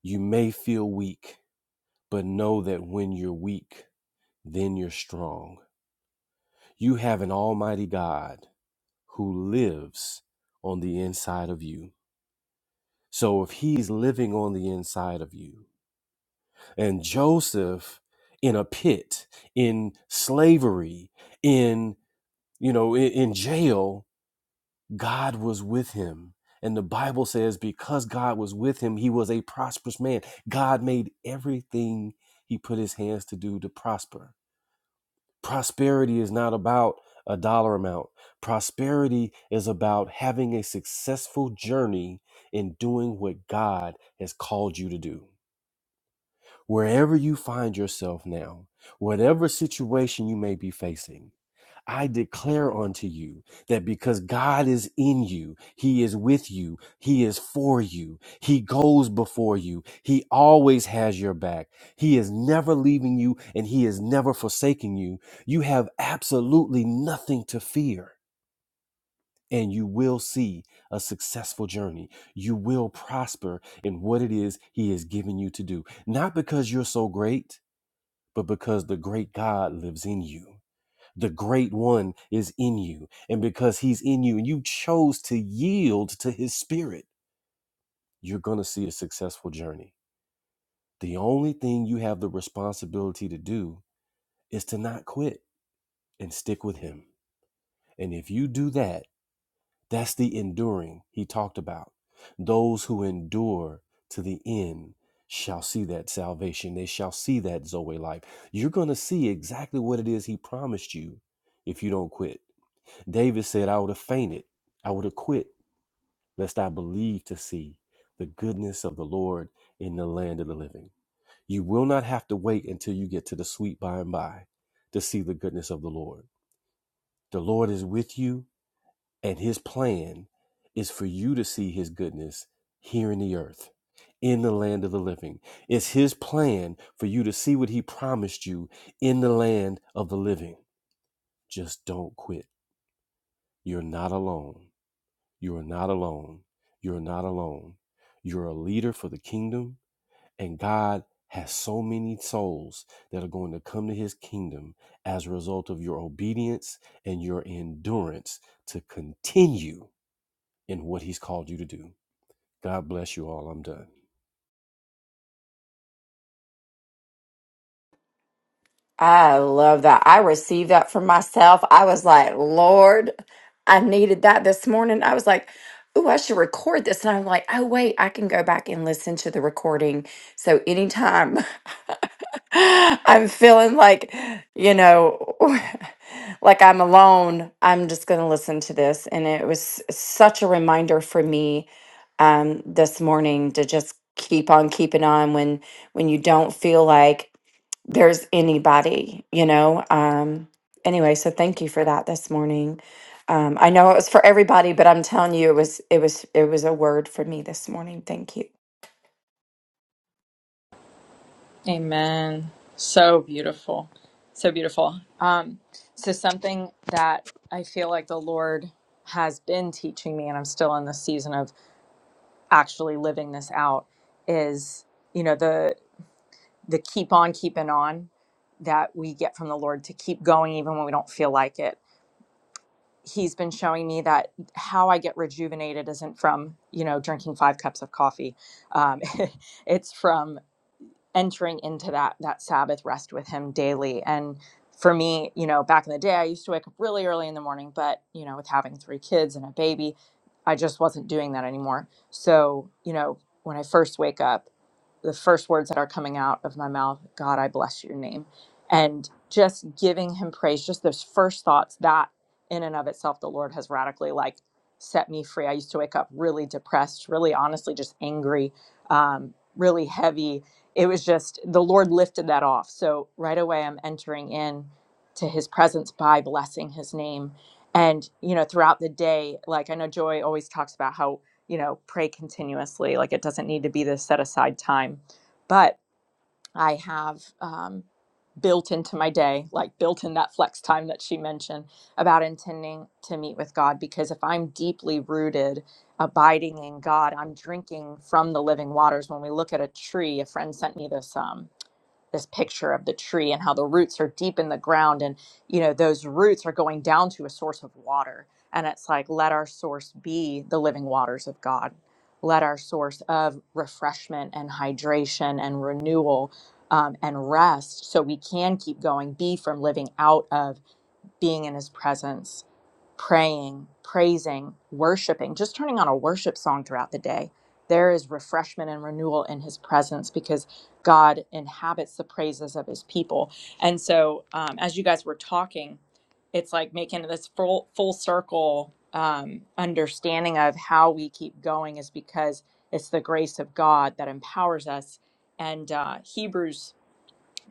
you may feel weak, but know that when you're weak, then you're strong. You have an almighty God who lives on the inside of you. So if he's living on the inside of you, and Joseph in a pit, in slavery, in you know, in, in jail, God was with him. And the Bible says because God was with him, he was a prosperous man. God made everything he put his hands to do to prosper. Prosperity is not about a dollar amount. Prosperity is about having a successful journey in doing what God has called you to do. wherever you find yourself now, whatever situation you may be facing, I declare unto you that because God is in you, He is with you, He is for you, He goes before you, He always has your back, He is never leaving you, and He is never forsaking you. You have absolutely nothing to fear, and you will see a successful journey. You will prosper in what it is He has given you to do, not because you're so great but because the great God lives in you. The great one is in you. And because he's in you and you chose to yield to his spirit, you're going to see a successful journey. The only thing you have the responsibility to do is to not quit and stick with him. And if you do that, That's the enduring he talked about. Those who endure to the end shall see that salvation. They shall see that Zoe life. You're going to see exactly what it is he promised you if you don't quit. David said, I would have fainted. I would have quit, lest I believe to see the goodness of the Lord in the land of the living. You will not have to wait until you get to the sweet by and by to see the goodness of the Lord. The Lord is with you. And his plan is for you to see his goodness here in the earth, in the land of the living. It's his plan for you to see what he promised you in the land of the living. Just don't quit. You're not alone. You're not alone. You're not alone. You're a leader for the kingdom, and God has so many souls that are going to come to his kingdom as a result of your obedience and your endurance to continue in what he's called you to do. God bless you all. I'm done.
I love that. I received that for myself. I was like, Lord, I needed that this morning. I was like, Ooh, I should record this. And I'm like, oh, wait, I can go back and listen to the recording. So anytime I'm feeling like, you know, like I'm alone, I'm just going to listen to this. And it was such a reminder for me um, this morning to just keep on keeping on when when you don't feel like there's anybody, you know. Um, anyway, so thank you for that this morning. Um, I know it was for everybody, but I'm telling you, it was it was it was a word for me this morning. Thank you.
Amen. So beautiful. So beautiful. Um, so, something that I feel like the Lord has been teaching me, and I'm still in the season of actually living this out, is, you know, the, the keep on keeping on that we get from the Lord to keep going even when we don't feel like it. He's been showing me that how I get rejuvenated isn't from, you know, drinking five cups of coffee. Um, it's from entering into that that sabbath rest with him daily and for me you know back in the day i used to wake up really early in the morning but you know with having three kids and a baby i just wasn't doing that anymore so you know when i first wake up the first words that are coming out of my mouth god i bless your name and just giving him praise just those first thoughts that in and of itself the lord has radically like set me free i used to wake up really depressed really honestly just angry um, really heavy it was just the lord lifted that off so right away i'm entering in to his presence by blessing his name and you know throughout the day like i know joy always talks about how you know, pray continuously. Like it doesn't need to be this set aside time. But I have um, built into my day, like built in that flex time that she mentioned about intending to meet with God. Because if I'm deeply rooted, abiding in God, I'm drinking from the living waters. When we look at a tree, a friend sent me this. Um, this picture of the tree and how the roots are deep in the ground and you know those roots are going down to a source of water and it's like let our source be the living waters of god let our source of refreshment and hydration and renewal um, and rest so we can keep going be from living out of being in his presence, praying, praising, worshiping, just turning on a worship song throughout the day. There is refreshment and renewal in his presence because God inhabits the praises of his people. And so, um, as you guys were talking, it's like making this full, full circle um, understanding of how we keep going is because it's the grace of God that empowers us. And uh, Hebrews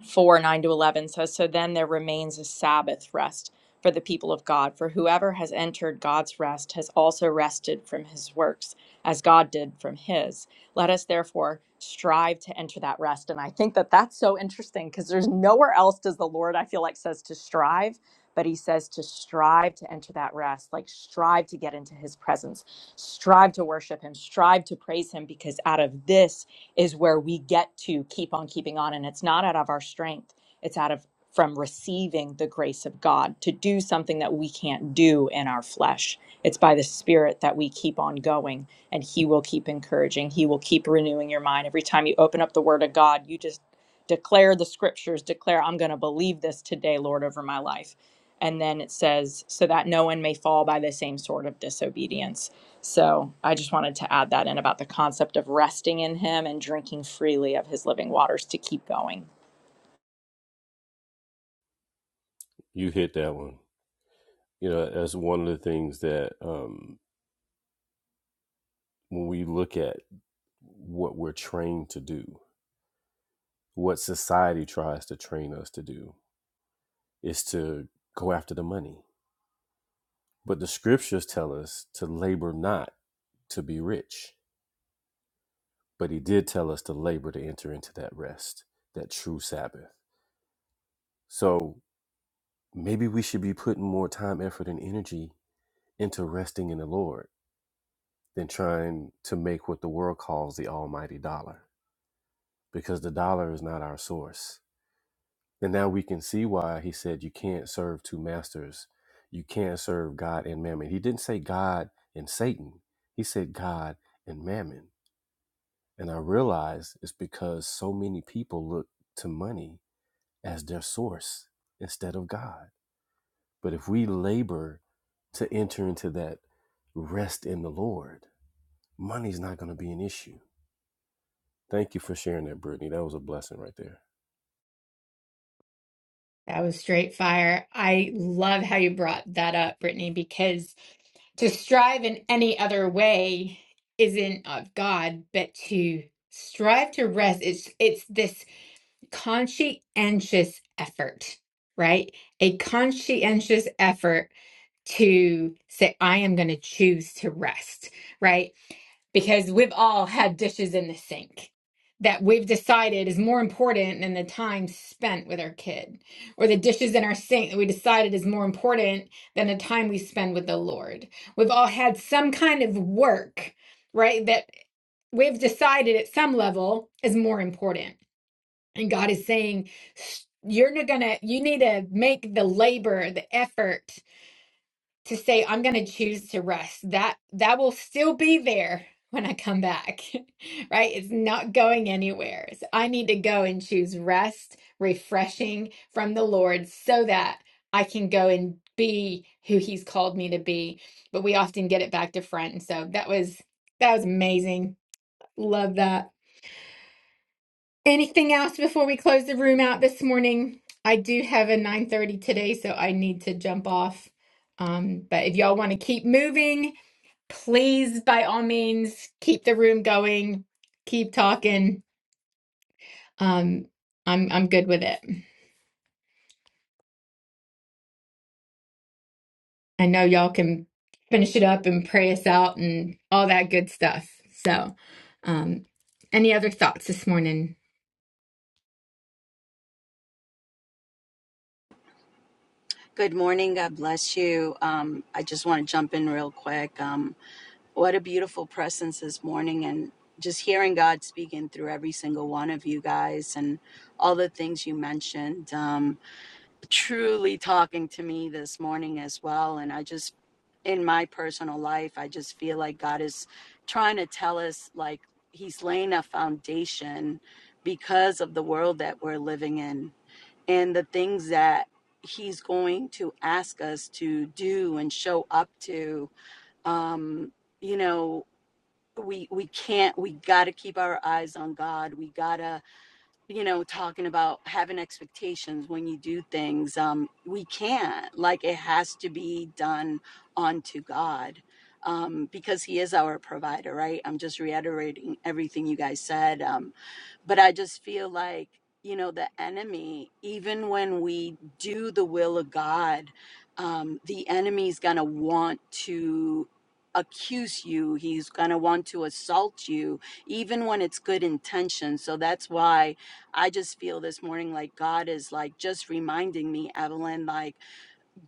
4 9 to 11 says, So then there remains a Sabbath rest for the people of God, for whoever has entered God's rest has also rested from his works, as God did from his. Let us therefore strive to enter that rest. And I think that that's so interesting because there's nowhere else does the Lord, I feel like, says to strive, but he says to strive to enter that rest, like strive to get into his presence, strive to worship him, strive to praise him, because out of this, is where we get to keep on keeping on. And it's not out of our strength, it's out of from receiving the grace of God to do something that we can't do in our flesh. It's by the Spirit that we keep on going, and He will keep encouraging. He will keep renewing your mind. Every time you open up the Word of God, you just declare the scriptures, declare, I'm going to believe this today, Lord, over my life. And then it says, so that no one may fall by the same sort of disobedience. So I just wanted to add that in about the concept of resting in Him and drinking freely of His living waters to keep going.
You hit that one. You know, that's one of the things that um, when we look at what we're trained to do, what society tries to train us to do is to go after the money. But the scriptures tell us to labor not to be rich. But he did tell us to labor to enter into that rest, that true Sabbath. So maybe we should be putting more time, effort, and energy into resting in the Lord than trying to make what the world calls the almighty dollar because the dollar is not our source. And now we can see why he said you can't serve two masters. You can't serve God and mammon. He didn't say God and Satan, he said God and mammon. And I realize it's because so many people look to money as their source instead of God. But if we labor to enter into that rest in the Lord, money's not going to be an issue Thank you for sharing that, Brittany. That was a blessing right there.
That was straight fire. I love how you brought that up, Brittany, because to strive in any other way isn't of God, but to strive to rest it's it's this conscientious effort, right? A conscientious effort to say I am going to choose to rest, right? because we've all had dishes in the sink that we've decided is more important than the time spent with our kid, or the dishes in our sink that we decided is more important than the time we spend with the Lord. We've all had some kind of work, right, that we've decided at some level is more important. And God is saying, "S- you're not gonna, you need to make the labor, the effort to say I'm going to choose to rest. That that will still be there when I come back. Right? It's not going anywhere. So I need to go and choose rest, refreshing from the Lord so that I can go and be who he's called me to be. But we often get it back to front. And so that was that was amazing. Love that. Anything else before we close the room out this morning? I do have a 9:30 today, so I need to jump off. Um, but if y'all want to keep moving, please by all means keep the room going keep talking um i'm i'm good with it i know y'all can finish it up and pray us out and all that good stuff so um any other thoughts this morning
Good morning. God bless you. Um, I just want to jump in real quick. Um, what a beautiful presence this morning, and just hearing God speaking through every single one of you guys and all the things you mentioned. Um, truly talking to me this morning as well. And I just, in my personal life, I just feel like God is trying to tell us, like, He's laying a foundation because of the world that we're living in and the things that he's going to ask us to do and show up to um you know we we can't we got to keep our eyes on God we got to you know talking about having expectations when you do things um we can't like it has to be done unto God um because he is our provider right i'm just reiterating everything you guys said Um, but I just feel like, you know, the enemy, even when we do the will of God, um, the enemy's going to want to accuse you. He's going to want to assault you, even when it's good intention. So that's why I just feel this morning like God is like just reminding me, Evelyn, like,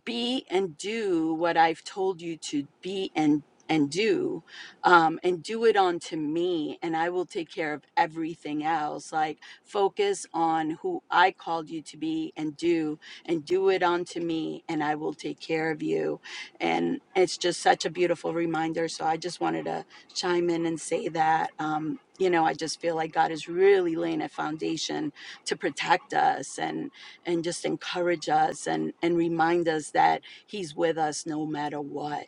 be and do what I've told you to be and and do um, and do it onto me and i will take care of everything else like focus on who i called you to be and do and do it onto me and i will take care of you and it's just such a beautiful reminder so i just wanted to chime in and say that um, you know i just feel like god is really laying a foundation to protect us and and just encourage us and and remind us that he's with us no matter what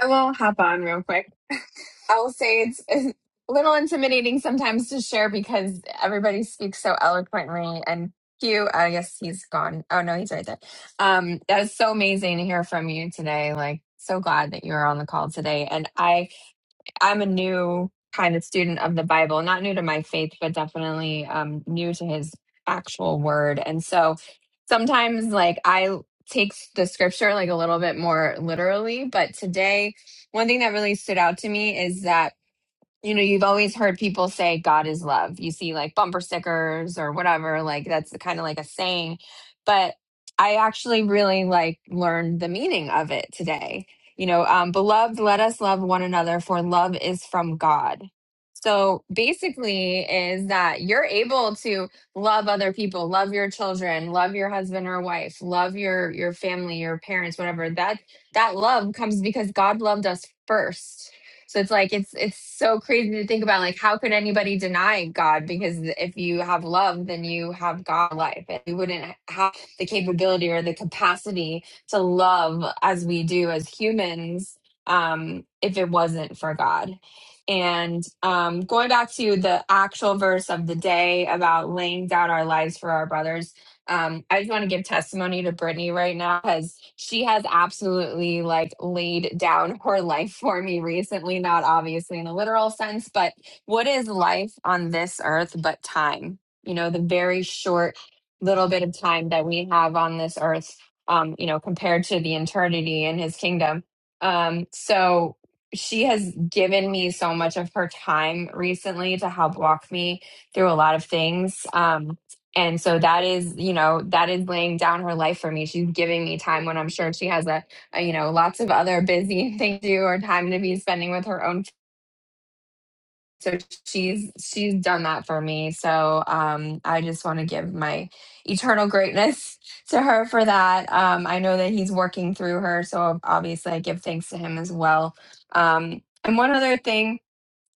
I will hop on real quick. I will say it's a little intimidating sometimes to share because everybody speaks so eloquently. And Hugh, I guess he's gone. Oh, no, he's right there. Um, that is so amazing to hear from you today. Like, so glad that you were on the call today. And I I'm a new kind of student of the Bible, not new to my faith, but definitely um, new to his actual word. And so sometimes, like, I take the scripture like a little bit more literally. But today, one thing that really stood out to me is that you know, you've always heard people say God is love. You see like bumper stickers or whatever, like that's kind of like a saying. But I actually really like learned the meaning of it today. You know, um, beloved, let us love one another, for love is from God. So basically, is that you're able to love other people, love your children, love your husband or wife, love your your family, your parents, whatever. That that love comes because God loved us first so it's like it's it's so crazy to think about like how could anybody deny God because if you have love then you have God life and we wouldn't have the capability or the capacity to love as we do as humans um if it wasn't for God. And um going back to the actual verse of the day about laying down our lives for our brothers um, I just want to give testimony to Brittany right now because she has absolutely like laid down her life for me recently, not obviously in a literal sense, but what is life on this earth but time? You know, the very short little bit of time that we have on this earth, um, you know, compared to the eternity in his kingdom. Um, so she has given me so much of her time recently to help walk me through a lot of things. Um, and so that is, you know, that is laying down her life for me. She's giving me time when I'm sure she has a, a you know, lots of other busy things to do or time to be spending with her own. kids. So she's she's done that for me. So um, I just want to give my eternal greatness to her for that. Um, I know that he's working through her, so obviously I give thanks to him as well. Um, and one other thing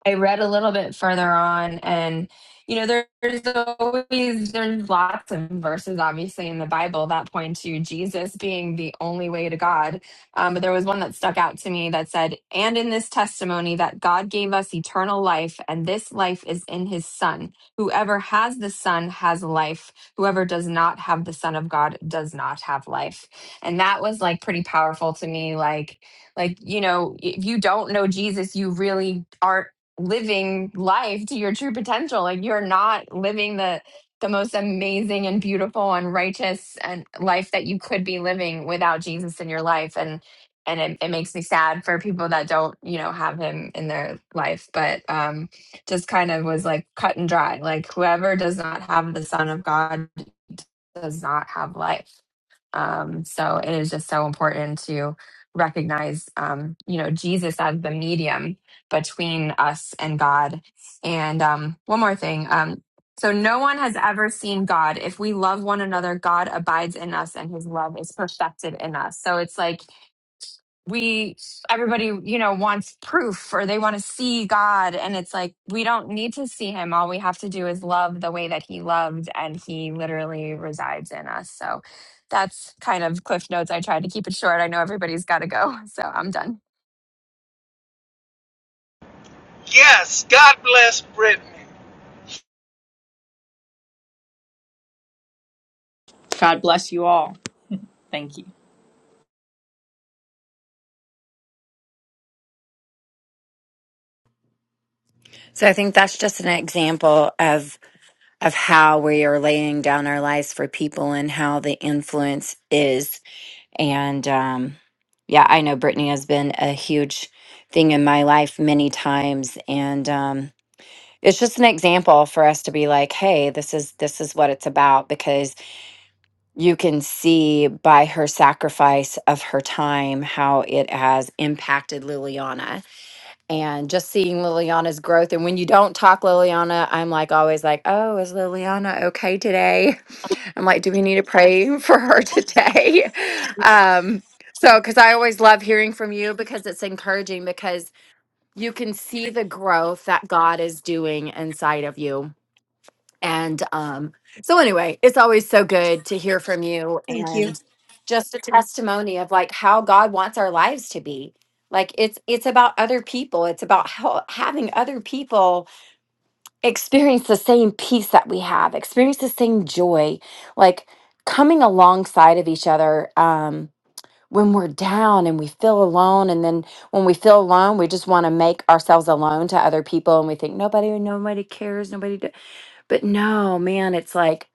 I read a little bit further on, and you know, there- there's always there's lots of verses, obviously, in the Bible that point to Jesus being the only way to God. Um, but there was one that stuck out to me that said, "And in this testimony that God gave us eternal life, and this life is in His Son. Whoever has the Son has life. Whoever does not have the Son of God does not have life." And that was like pretty powerful to me, like like you know if you don't know jesus you really aren't living life to your true potential like you're not living the the most amazing and beautiful and righteous and life that you could be living without jesus in your life and and it, it makes me sad for people that don't you know have him in their life but um just kind of was like cut and dry like whoever does not have the son of god does not have life um, so it is just so important to recognize, um, you know, Jesus as the medium between us and God. And um, one more thing. Um, so no one has ever seen God. If we love one another, God abides in us and his love is perfected in us. So it's like, we everybody you know wants proof or they want to see god and it's like we don't need to see him all we have to do is love the way that he loved and he literally resides in us so that's kind of cliff notes i tried to keep it short i know everybody's got to go so i'm done
Yes, Britt.
God bless you all. Thank you.
So I think that's just an example of of how we are laying down our lives for people and how the influence is. And um, yeah, I know Brittany has been a huge thing in my life many times, and um, it's just an example for us to be like hey this is this is what it's about because you can see by her sacrifice of her time how it has impacted liliana and just seeing liliana's growth and when you don't talk liliana i'm like always like oh is liliana okay today i'm like do we need to pray for her today um so because i always love hearing from you because it's encouraging because you can see the growth that god is doing inside of you and um, so, anyway, it's always so good to hear from you
Thank you.
and just a testimony of like how God wants our lives to be. Like it's it's about other people. It's about how, having other people experience the same peace that we have, experience the same joy, like coming alongside of each other um, when we're down and we feel alone. And then when we feel alone, we just want to make ourselves alone to other people, and we think nobody, nobody cares, nobody. But no, man, it's like,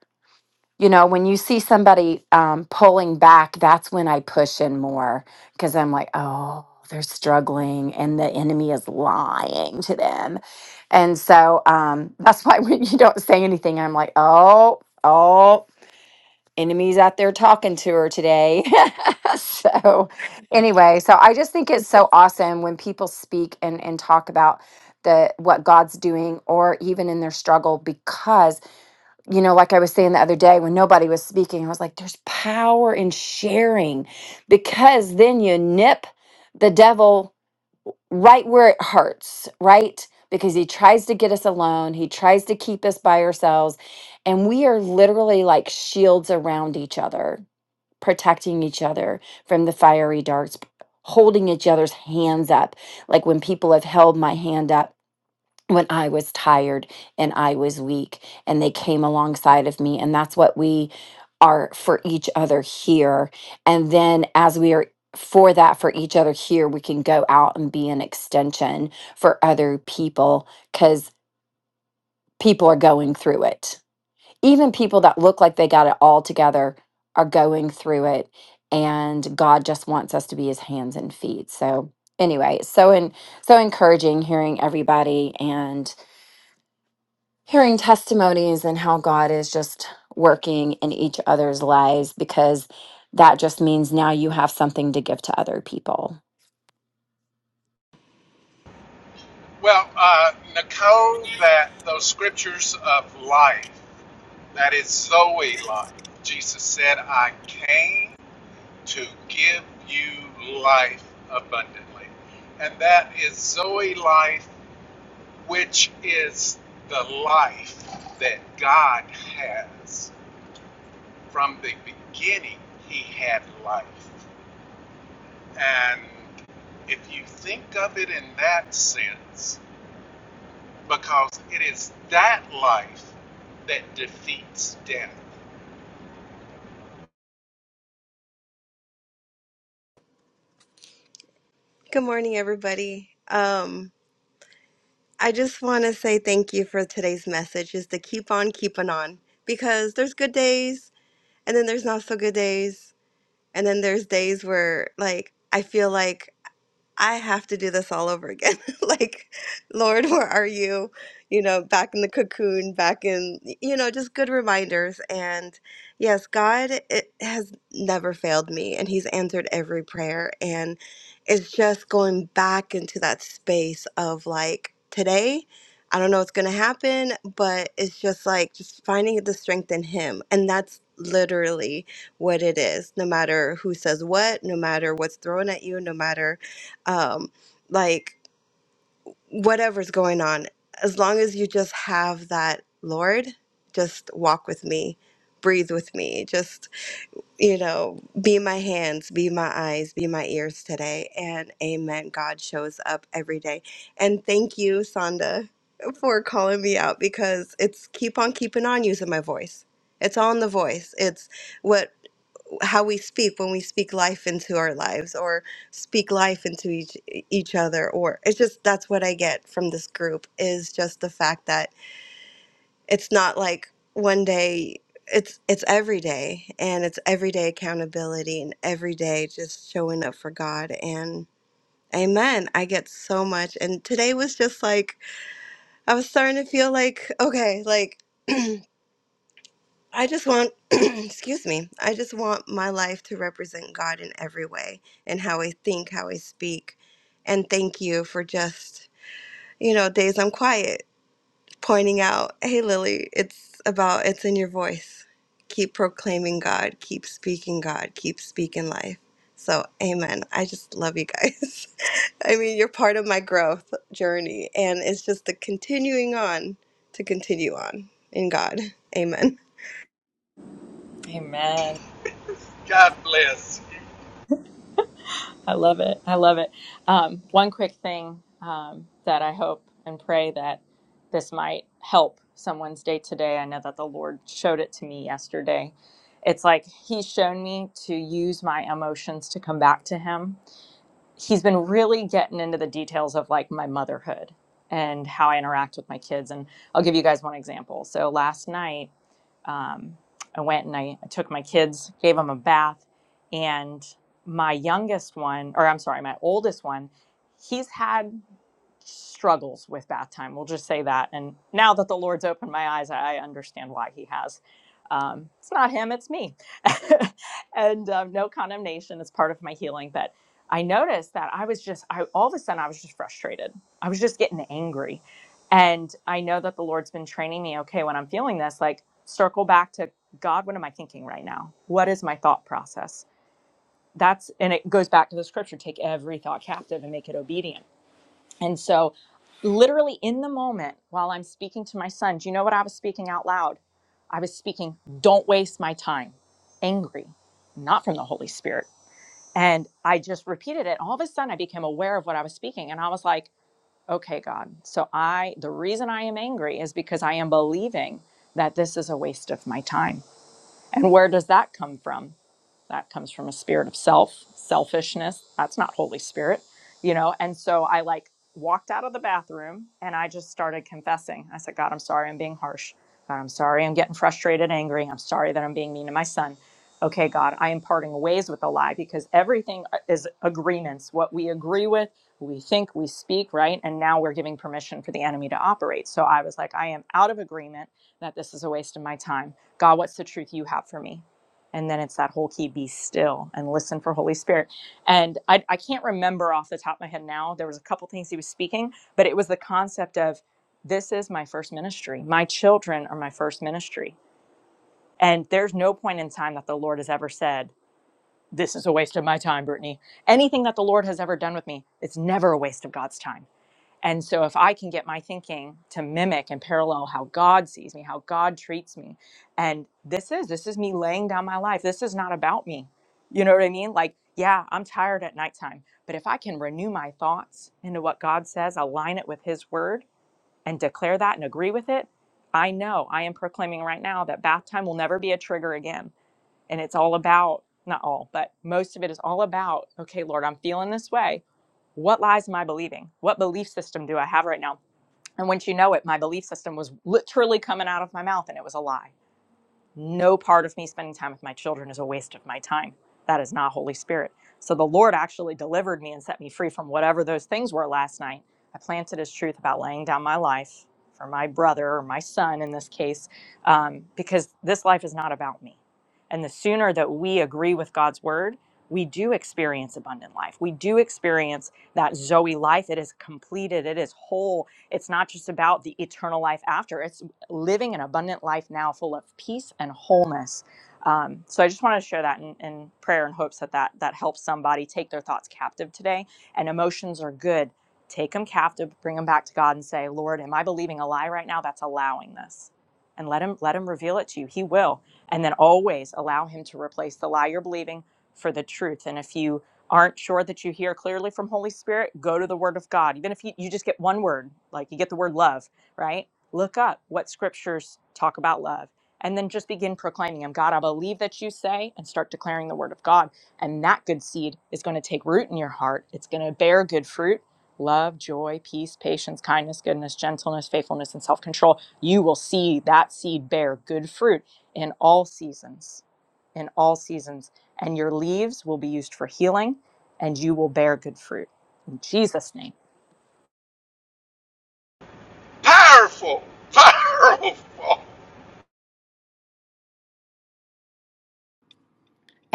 you know, when you see somebody um, pulling back, that's when I push in more because I'm like, oh, they're struggling and the enemy is lying to them. And so um, that's why when you don't say anything, I'm like, oh, oh, enemy's out there talking to her today. so anyway, so I just think it's so awesome when people speak and, and talk about the what God's doing or even in their struggle because you know, like I was saying the other day when nobody was speaking, I was like, there's power in sharing because then you nip the devil right where it hurts, right? Because he tries to get us alone, he tries to keep us by ourselves. And we are literally like shields around each other, protecting each other from the fiery darts, holding each other's hands up. Like when people have held my hand up when I was tired and I was weak, and they came alongside of me. And that's what we are for each other here. And then as we are for that for each other here, we can go out and be an extension for other people because people are going through it. Even people that look like they got it all together are going through it. And God just wants us to be his hands and feet. So, anyway, so in, so encouraging hearing everybody and hearing testimonies and how God is just working in each other's lives because that just means now you have something to give to other people.
Well, uh, Nicole, that those scriptures of life, that is Zoe life. Jesus said, I came to give you life abundantly. And that is Zoe life, which is the life that God has. From the beginning, He had life. And if you think of it in that sense, because it is that life that defeats death.
Good morning, everybody. Um, I just want to say thank you for today's message is to keep on keeping on because there's good days and then there's not so good days. And then there's days where like I feel like I have to do this all over again. Like, Lord, where are you? You know, back in the cocoon, back in, you know, just good reminders. And yes, God it has never failed me, and He's answered every prayer. And it's just going back into that space of like, today, I don't know what's going to happen, but it's just like, just finding the strength in Him. And that's literally what it is, no matter who says what, no matter what's thrown at you, no matter um, like whatever's going on, as long as you just have that, Lord, just walk with me, breathe with me, just, you know, be my hands, be my eyes, be my ears today. And amen. God shows up every day. And thank you, Sonda, for calling me out because it's keep on keeping on using my voice. It's all in the voice. It's what how we speak when we speak life into our lives or speak life into each e, each other or it's just that's what I get from this group is just the fact that it's not like one day it's it's every day and it's everyday accountability and every day just showing up for God and amen I get so much and today was just like I was starting to feel like okay like I just want, excuse me, I just want my life to represent God in every way and how I think, how I speak. And thank you for just, you know, days I'm quiet, pointing out, hey, Lily, it's about, it's in your voice. Keep proclaiming God, keep speaking God, keep speaking life. So, amen. I just love you guys. I mean, you're part of my growth journey, and it's just the continuing on to continue on in God. Amen.
Amen.
God bless. you.
I love it. I love it. Um, one quick thing um, that I hope and pray that this might help someone's day today. I know that the Lord showed it to me yesterday. It's like He's shown me to use my emotions to come back to Him. He's been really getting into the details of like my motherhood and how I interact with my kids. And I'll give you guys one example. So last night, um, I went and I, I took my kids, gave them a bath, and my youngest one, or I'm sorry, my oldest one, he's had struggles with bath time. We'll just say that. And now that the Lord's opened my eyes, I understand why he has. Um, it's not him, it's me. and um, no condemnation is part of my healing. But I noticed that I was just, I, all of a sudden, I was just frustrated. I was just getting angry. And I know that the Lord's been training me, okay, when I'm feeling this, like circle back to God, what am I thinking right now? What is my thought process? That's, and it goes back to the scripture take every thought captive and make it obedient and so, literally in the moment while I'm speaking to my son, do you know what I was speaking out loud? I was speaking, don't waste my time, angry, not from the Holy Spirit. And I just repeated it. All of a sudden, I became aware of what I was speaking. And I was like, okay, God. So, I, the reason I am angry is because I am believing that this is a waste of my time. And where does that come from? That comes from a spirit of self, selfishness. That's not Holy Spirit, you know? And so I like walked out of the bathroom and I just started confessing. I said, God, I'm sorry I'm being harsh. God, I'm sorry I'm getting frustrated, angry. I'm sorry that I'm being mean to my son. Okay, God, I am parting ways with a lie because everything uh, is agreements, what we agree with, we think, we speak, right? And now we're giving permission for the enemy to operate. So I was like, I am out of agreement that this is a waste of my time. God, what's the truth you have for me? And then it's that whole key be still and listen for Holy Spirit. And I, I can't remember off the top of my head now. There was a couple things he was speaking, but it was the concept of this is my first ministry. My children are my first ministry. And there's no point in time that the Lord has ever said, This is a waste of my time, Brittany. Anything that the Lord has ever done with me, it's never a waste of God's time. And so, if I can get my thinking to mimic and parallel how God sees me, how God treats me, and this is this is me laying down my life. This is not about me. You know what I mean? Like, yeah, I'm tired at nighttime, but if I can renew my thoughts into what God says, align it with His Word, and declare that and agree with it, I know I am proclaiming right now that bath time will never be a trigger again. And it's all about not all, but most of it is all about okay, Lord, I'm feeling this way what lies am I believing? What belief system do I have right now? And once you know it, my belief system was literally coming out of my mouth and it was a lie no part of me spending time with my children is a waste of my time. That is not Holy Spirit. So the Lord actually delivered me and set me free from whatever those things were last night. I planted his truth about laying down my life for my brother or my son in this case, um, because this life is not about me. And the sooner that we agree with God's word, we do experience abundant life. We do experience that Zoe life. It is completed, it is whole. It's not just about the eternal life after, It's living an abundant life now full of peace and wholeness. Um, so I just wanted to share that in, in prayer and hopes that, that that helps somebody take their thoughts captive today. And emotions are good. Take them captive, bring them back to God and say, Lord, am I believing a lie right now that's allowing this? And let him let him reveal it to you. He will. And then always allow him to replace the lie you're believing for the truth. And if you aren't sure that you hear clearly from Holy Spirit, go to the Word of God. Even if you, you just get one word, like you get the word love, right? look up what scriptures talk about love and then just begin proclaiming them god i believe that you say and start declaring the word of god and that good seed is going to take root in your heart it's going to bear good fruit love joy peace patience kindness goodness gentleness faithfulness and self-control you will see that seed bear good fruit in all seasons in all seasons and your leaves will be used for healing and you will bear good fruit in jesus name
Powerful, powerful.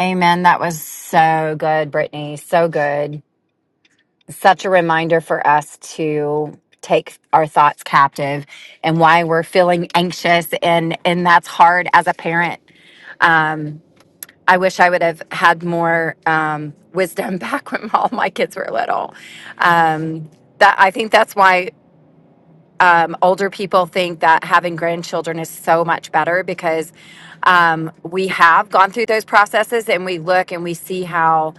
Amen. That was so good, Brittany. So good. Such a reminder for us to take our thoughts captive and why we're feeling anxious and and that's hard as a parent. I wish I would have had more um, wisdom back when all my kids were little. Um, that I think that's why. um, older people think that having grandchildren is so much better because um, we have gone through those processes and we look and we see how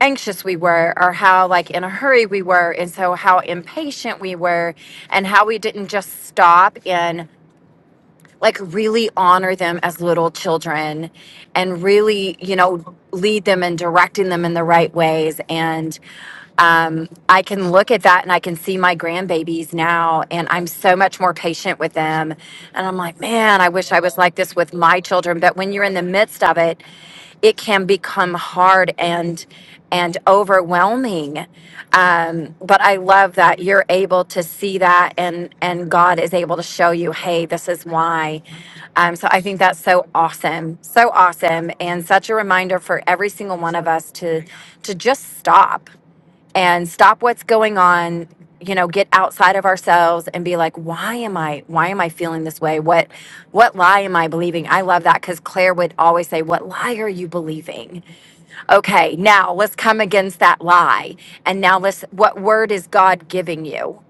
anxious we were or how like in a hurry we were and so how impatient we were and how we didn't just stop and like really honor them as little children and really you know lead them and directing them in the right ways and um, I can look at that and I can see my grandbabies now, and I'm so much more patient with them. And I'm like, man, I wish I was like this with my children. But when you're in the midst of it, it can become hard and and overwhelming. Um, but I love that you're able to see that, and and God is able to show you, hey, this is why. Um, so I think that's so awesome, so awesome, and such a reminder for every single one of us to to just stop and stop what's going on you know get outside of ourselves and be like why am i why am i feeling this way what what lie am i believing i love that because claire would always say what lie are you believing Okay, now let's come against that lie. And now let's, what word is God giving you?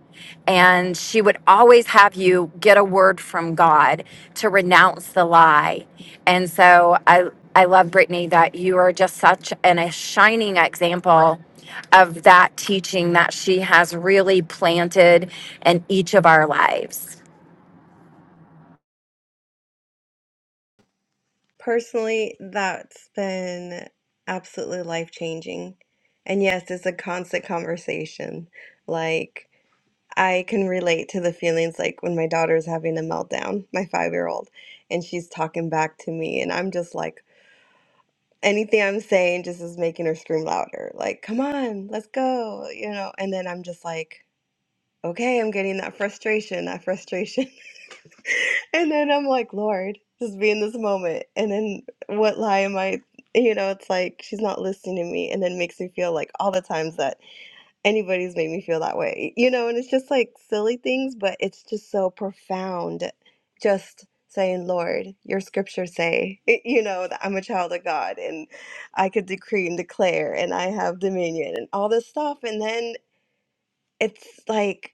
And she would always have you get a word from God to renounce the lie. And so I, I love, Brittany, that you are just such an, a shining example of that teaching that she has really planted in each of our lives.
Personally, that's been absolutely life changing. And yes, it's a constant conversation. Like, I can relate to the feelings like when my daughter's having a meltdown, my five year old, and she's talking back to me, and I'm just like, anything I'm saying just is making her scream louder. Like, come on, let's go, you know? And then I'm just like, okay, I'm getting that frustration, that frustration. And then I'm like, Lord, just be in this moment. And then what lie am I? You know, it's like she's not listening to me. And then makes me feel like all the times that anybody's made me feel that way, you know, and it's just like silly things, but it's just so profound. Just saying, Lord, your scriptures say, you know, that I'm a child of God and I could decree and declare and I have dominion and all this stuff. And then it's like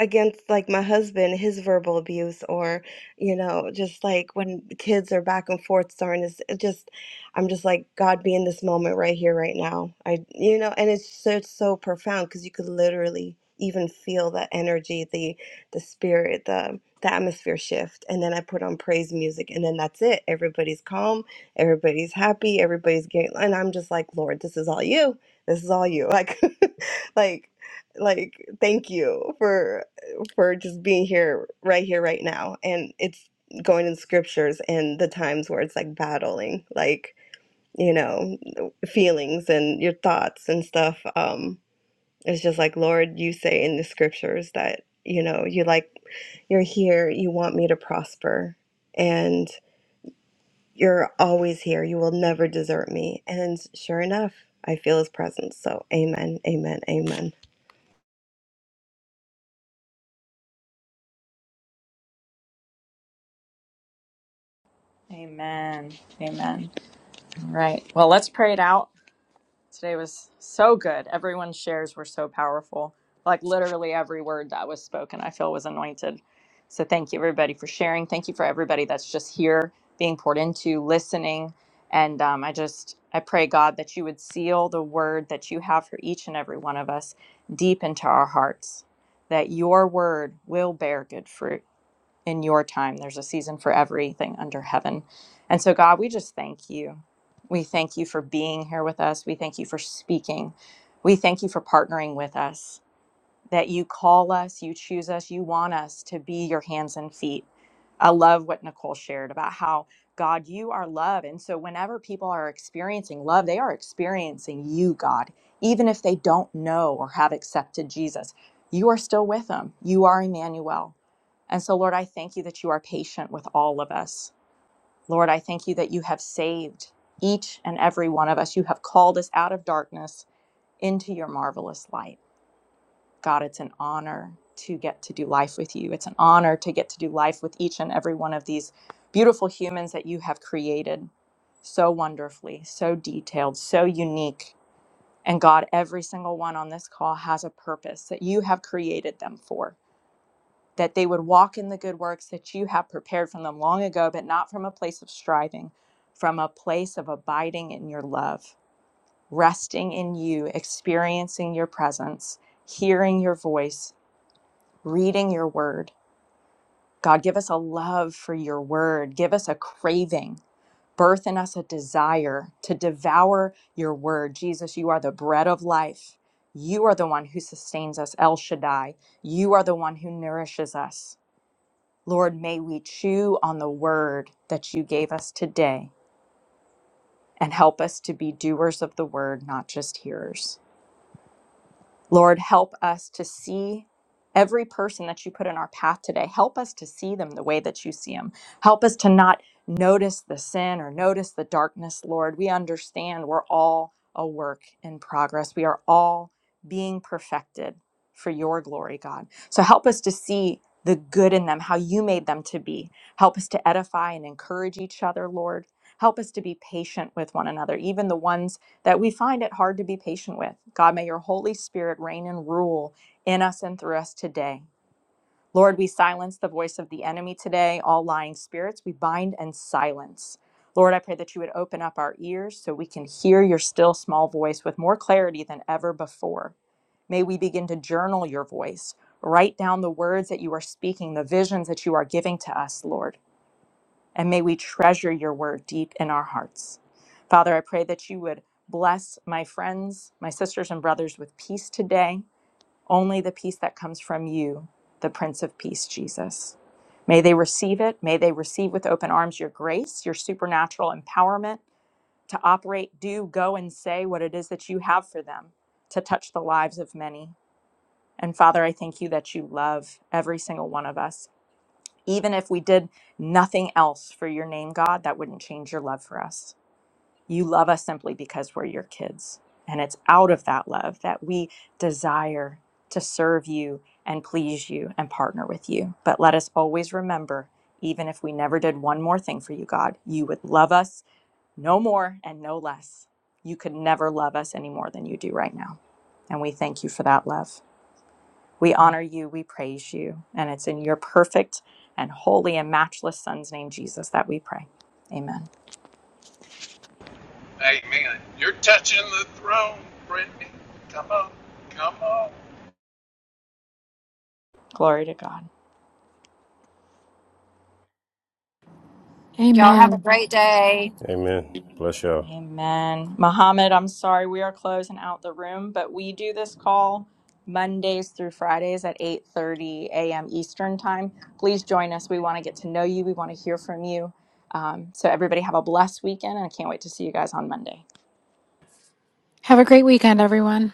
against like my husband his verbal abuse or you know just like when kids are back and forth starting this it just i'm just like god be in this moment right here right now i you know and it's so, it's so profound because you could literally even feel the energy the the spirit the the atmosphere shift and then i put on praise music and then that's it everybody's calm everybody's happy everybody's getting and i'm just like lord this is all you this is all you like like like thank you for for just being here right here right now and it's going in scriptures and the times where it's like battling like you know feelings and your thoughts and stuff um it's just like lord you say in the scriptures that you know you like you're here you want me to prosper and you're always here you will never desert me and sure enough i feel his presence so amen amen amen
amen amen all right well let's pray it out Today was so good. Everyone's shares were so powerful. Like literally every word that was spoken, I feel was anointed. So thank you everybody for sharing. Thank you for everybody that's just here being poured into, listening. And um, I just I pray God that you would seal the word that you have for each and every one of us deep into our hearts. That your word will bear good fruit in your time. There's a season for everything under heaven. And so, God, we just thank you. We thank you for being here with us. We thank you for speaking. We thank you for partnering with us, that you call us, you choose us, you want us to be your hands and feet. I love what Nicole shared about how, God, you are love. And so, whenever people are experiencing love, they are experiencing you, God, even if they don't know or have accepted Jesus. You are still with them. You are Emmanuel. And so, Lord, I thank you that you are patient with all of us. Lord, I thank you that you have saved each and every one of us. You have called us out of darkness into your marvelous light. God, it's an honor to get to do life with you. It's an honor to get to do life with each and every one of these beautiful humans that you have created so wonderfully, so detailed, so unique. And God, every single one on this call has a purpose that you have created them for that they would walk in the good works that you have prepared for them long ago, but not from a place of striving, from a place of abiding in your love, resting in you, experiencing your presence, hearing your voice, reading your word. God, give us a love for your word. Give us a craving. Birth in us a desire to devour your word. Jesus, you are the bread of life. You are the one who sustains us, El Shaddai. You are the one who nourishes us. Lord, may we chew on the word that you gave us today and help us to be doers of the word, not just hearers. Lord, help us to see every person that you put in our path today. Help us to see them the way that you see them. Help us to not notice the sin or notice the darkness, Lord. We understand we're all a work in progress, we are all being perfected for your glory, God. So help us to see the good in them, how you made them to be. Help us to edify and encourage each other, Lord. Help us to be patient with one another, even the ones that we find it hard to be patient with. God, may your Holy Spirit reign and rule in us and through us today. Lord, we silence the voice of the enemy today, all lying spirits, we bind and silence. Lord, I pray that you would open up our ears so we can hear your still small voice with more clarity than ever before. May we begin to journal your voice, write down the words that you are speaking, the visions that you are giving to us, Lord and may we treasure your word deep in our hearts. Father, I pray that you would bless my friends, my sisters and brothers with peace today, only the peace that comes from you, the Prince of Peace, Jesus. May they receive it. May they receive with open arms your grace, your supernatural empowerment to operate, do, go, and say what it is that you have for them to touch the lives of many. And Father, I thank you that you love every single one of us even if we did nothing else for your name, God, that wouldn't change your love for us. You love us simply because we're your kids. And it's out of that love that we desire to serve you and please you and partner with you. But let us always remember, even if we never did one more thing for you, God, you would love us no more and no less. You could never love us any more than you do right now. And we thank you for that love. We honor you, we praise you, and it's in your perfect and holy and matchless Son's name, Jesus, that we pray. Amen.
Amen. You're touching the throne, Brittany. Come on, come on.
Glory to God.
Y'all have a great day.
Amen. Bless y'all.
Amen. Muhammad, I'm sorry we are closing out the room, but we do this call Mondays through Fridays at 8:30 a.m. Eastern time. Please join us. We want to get to know you. We want to hear from you. Um, so everybody have a blessed weekend, and I can't wait to see you guys on Monday.
a great weekend, everyone.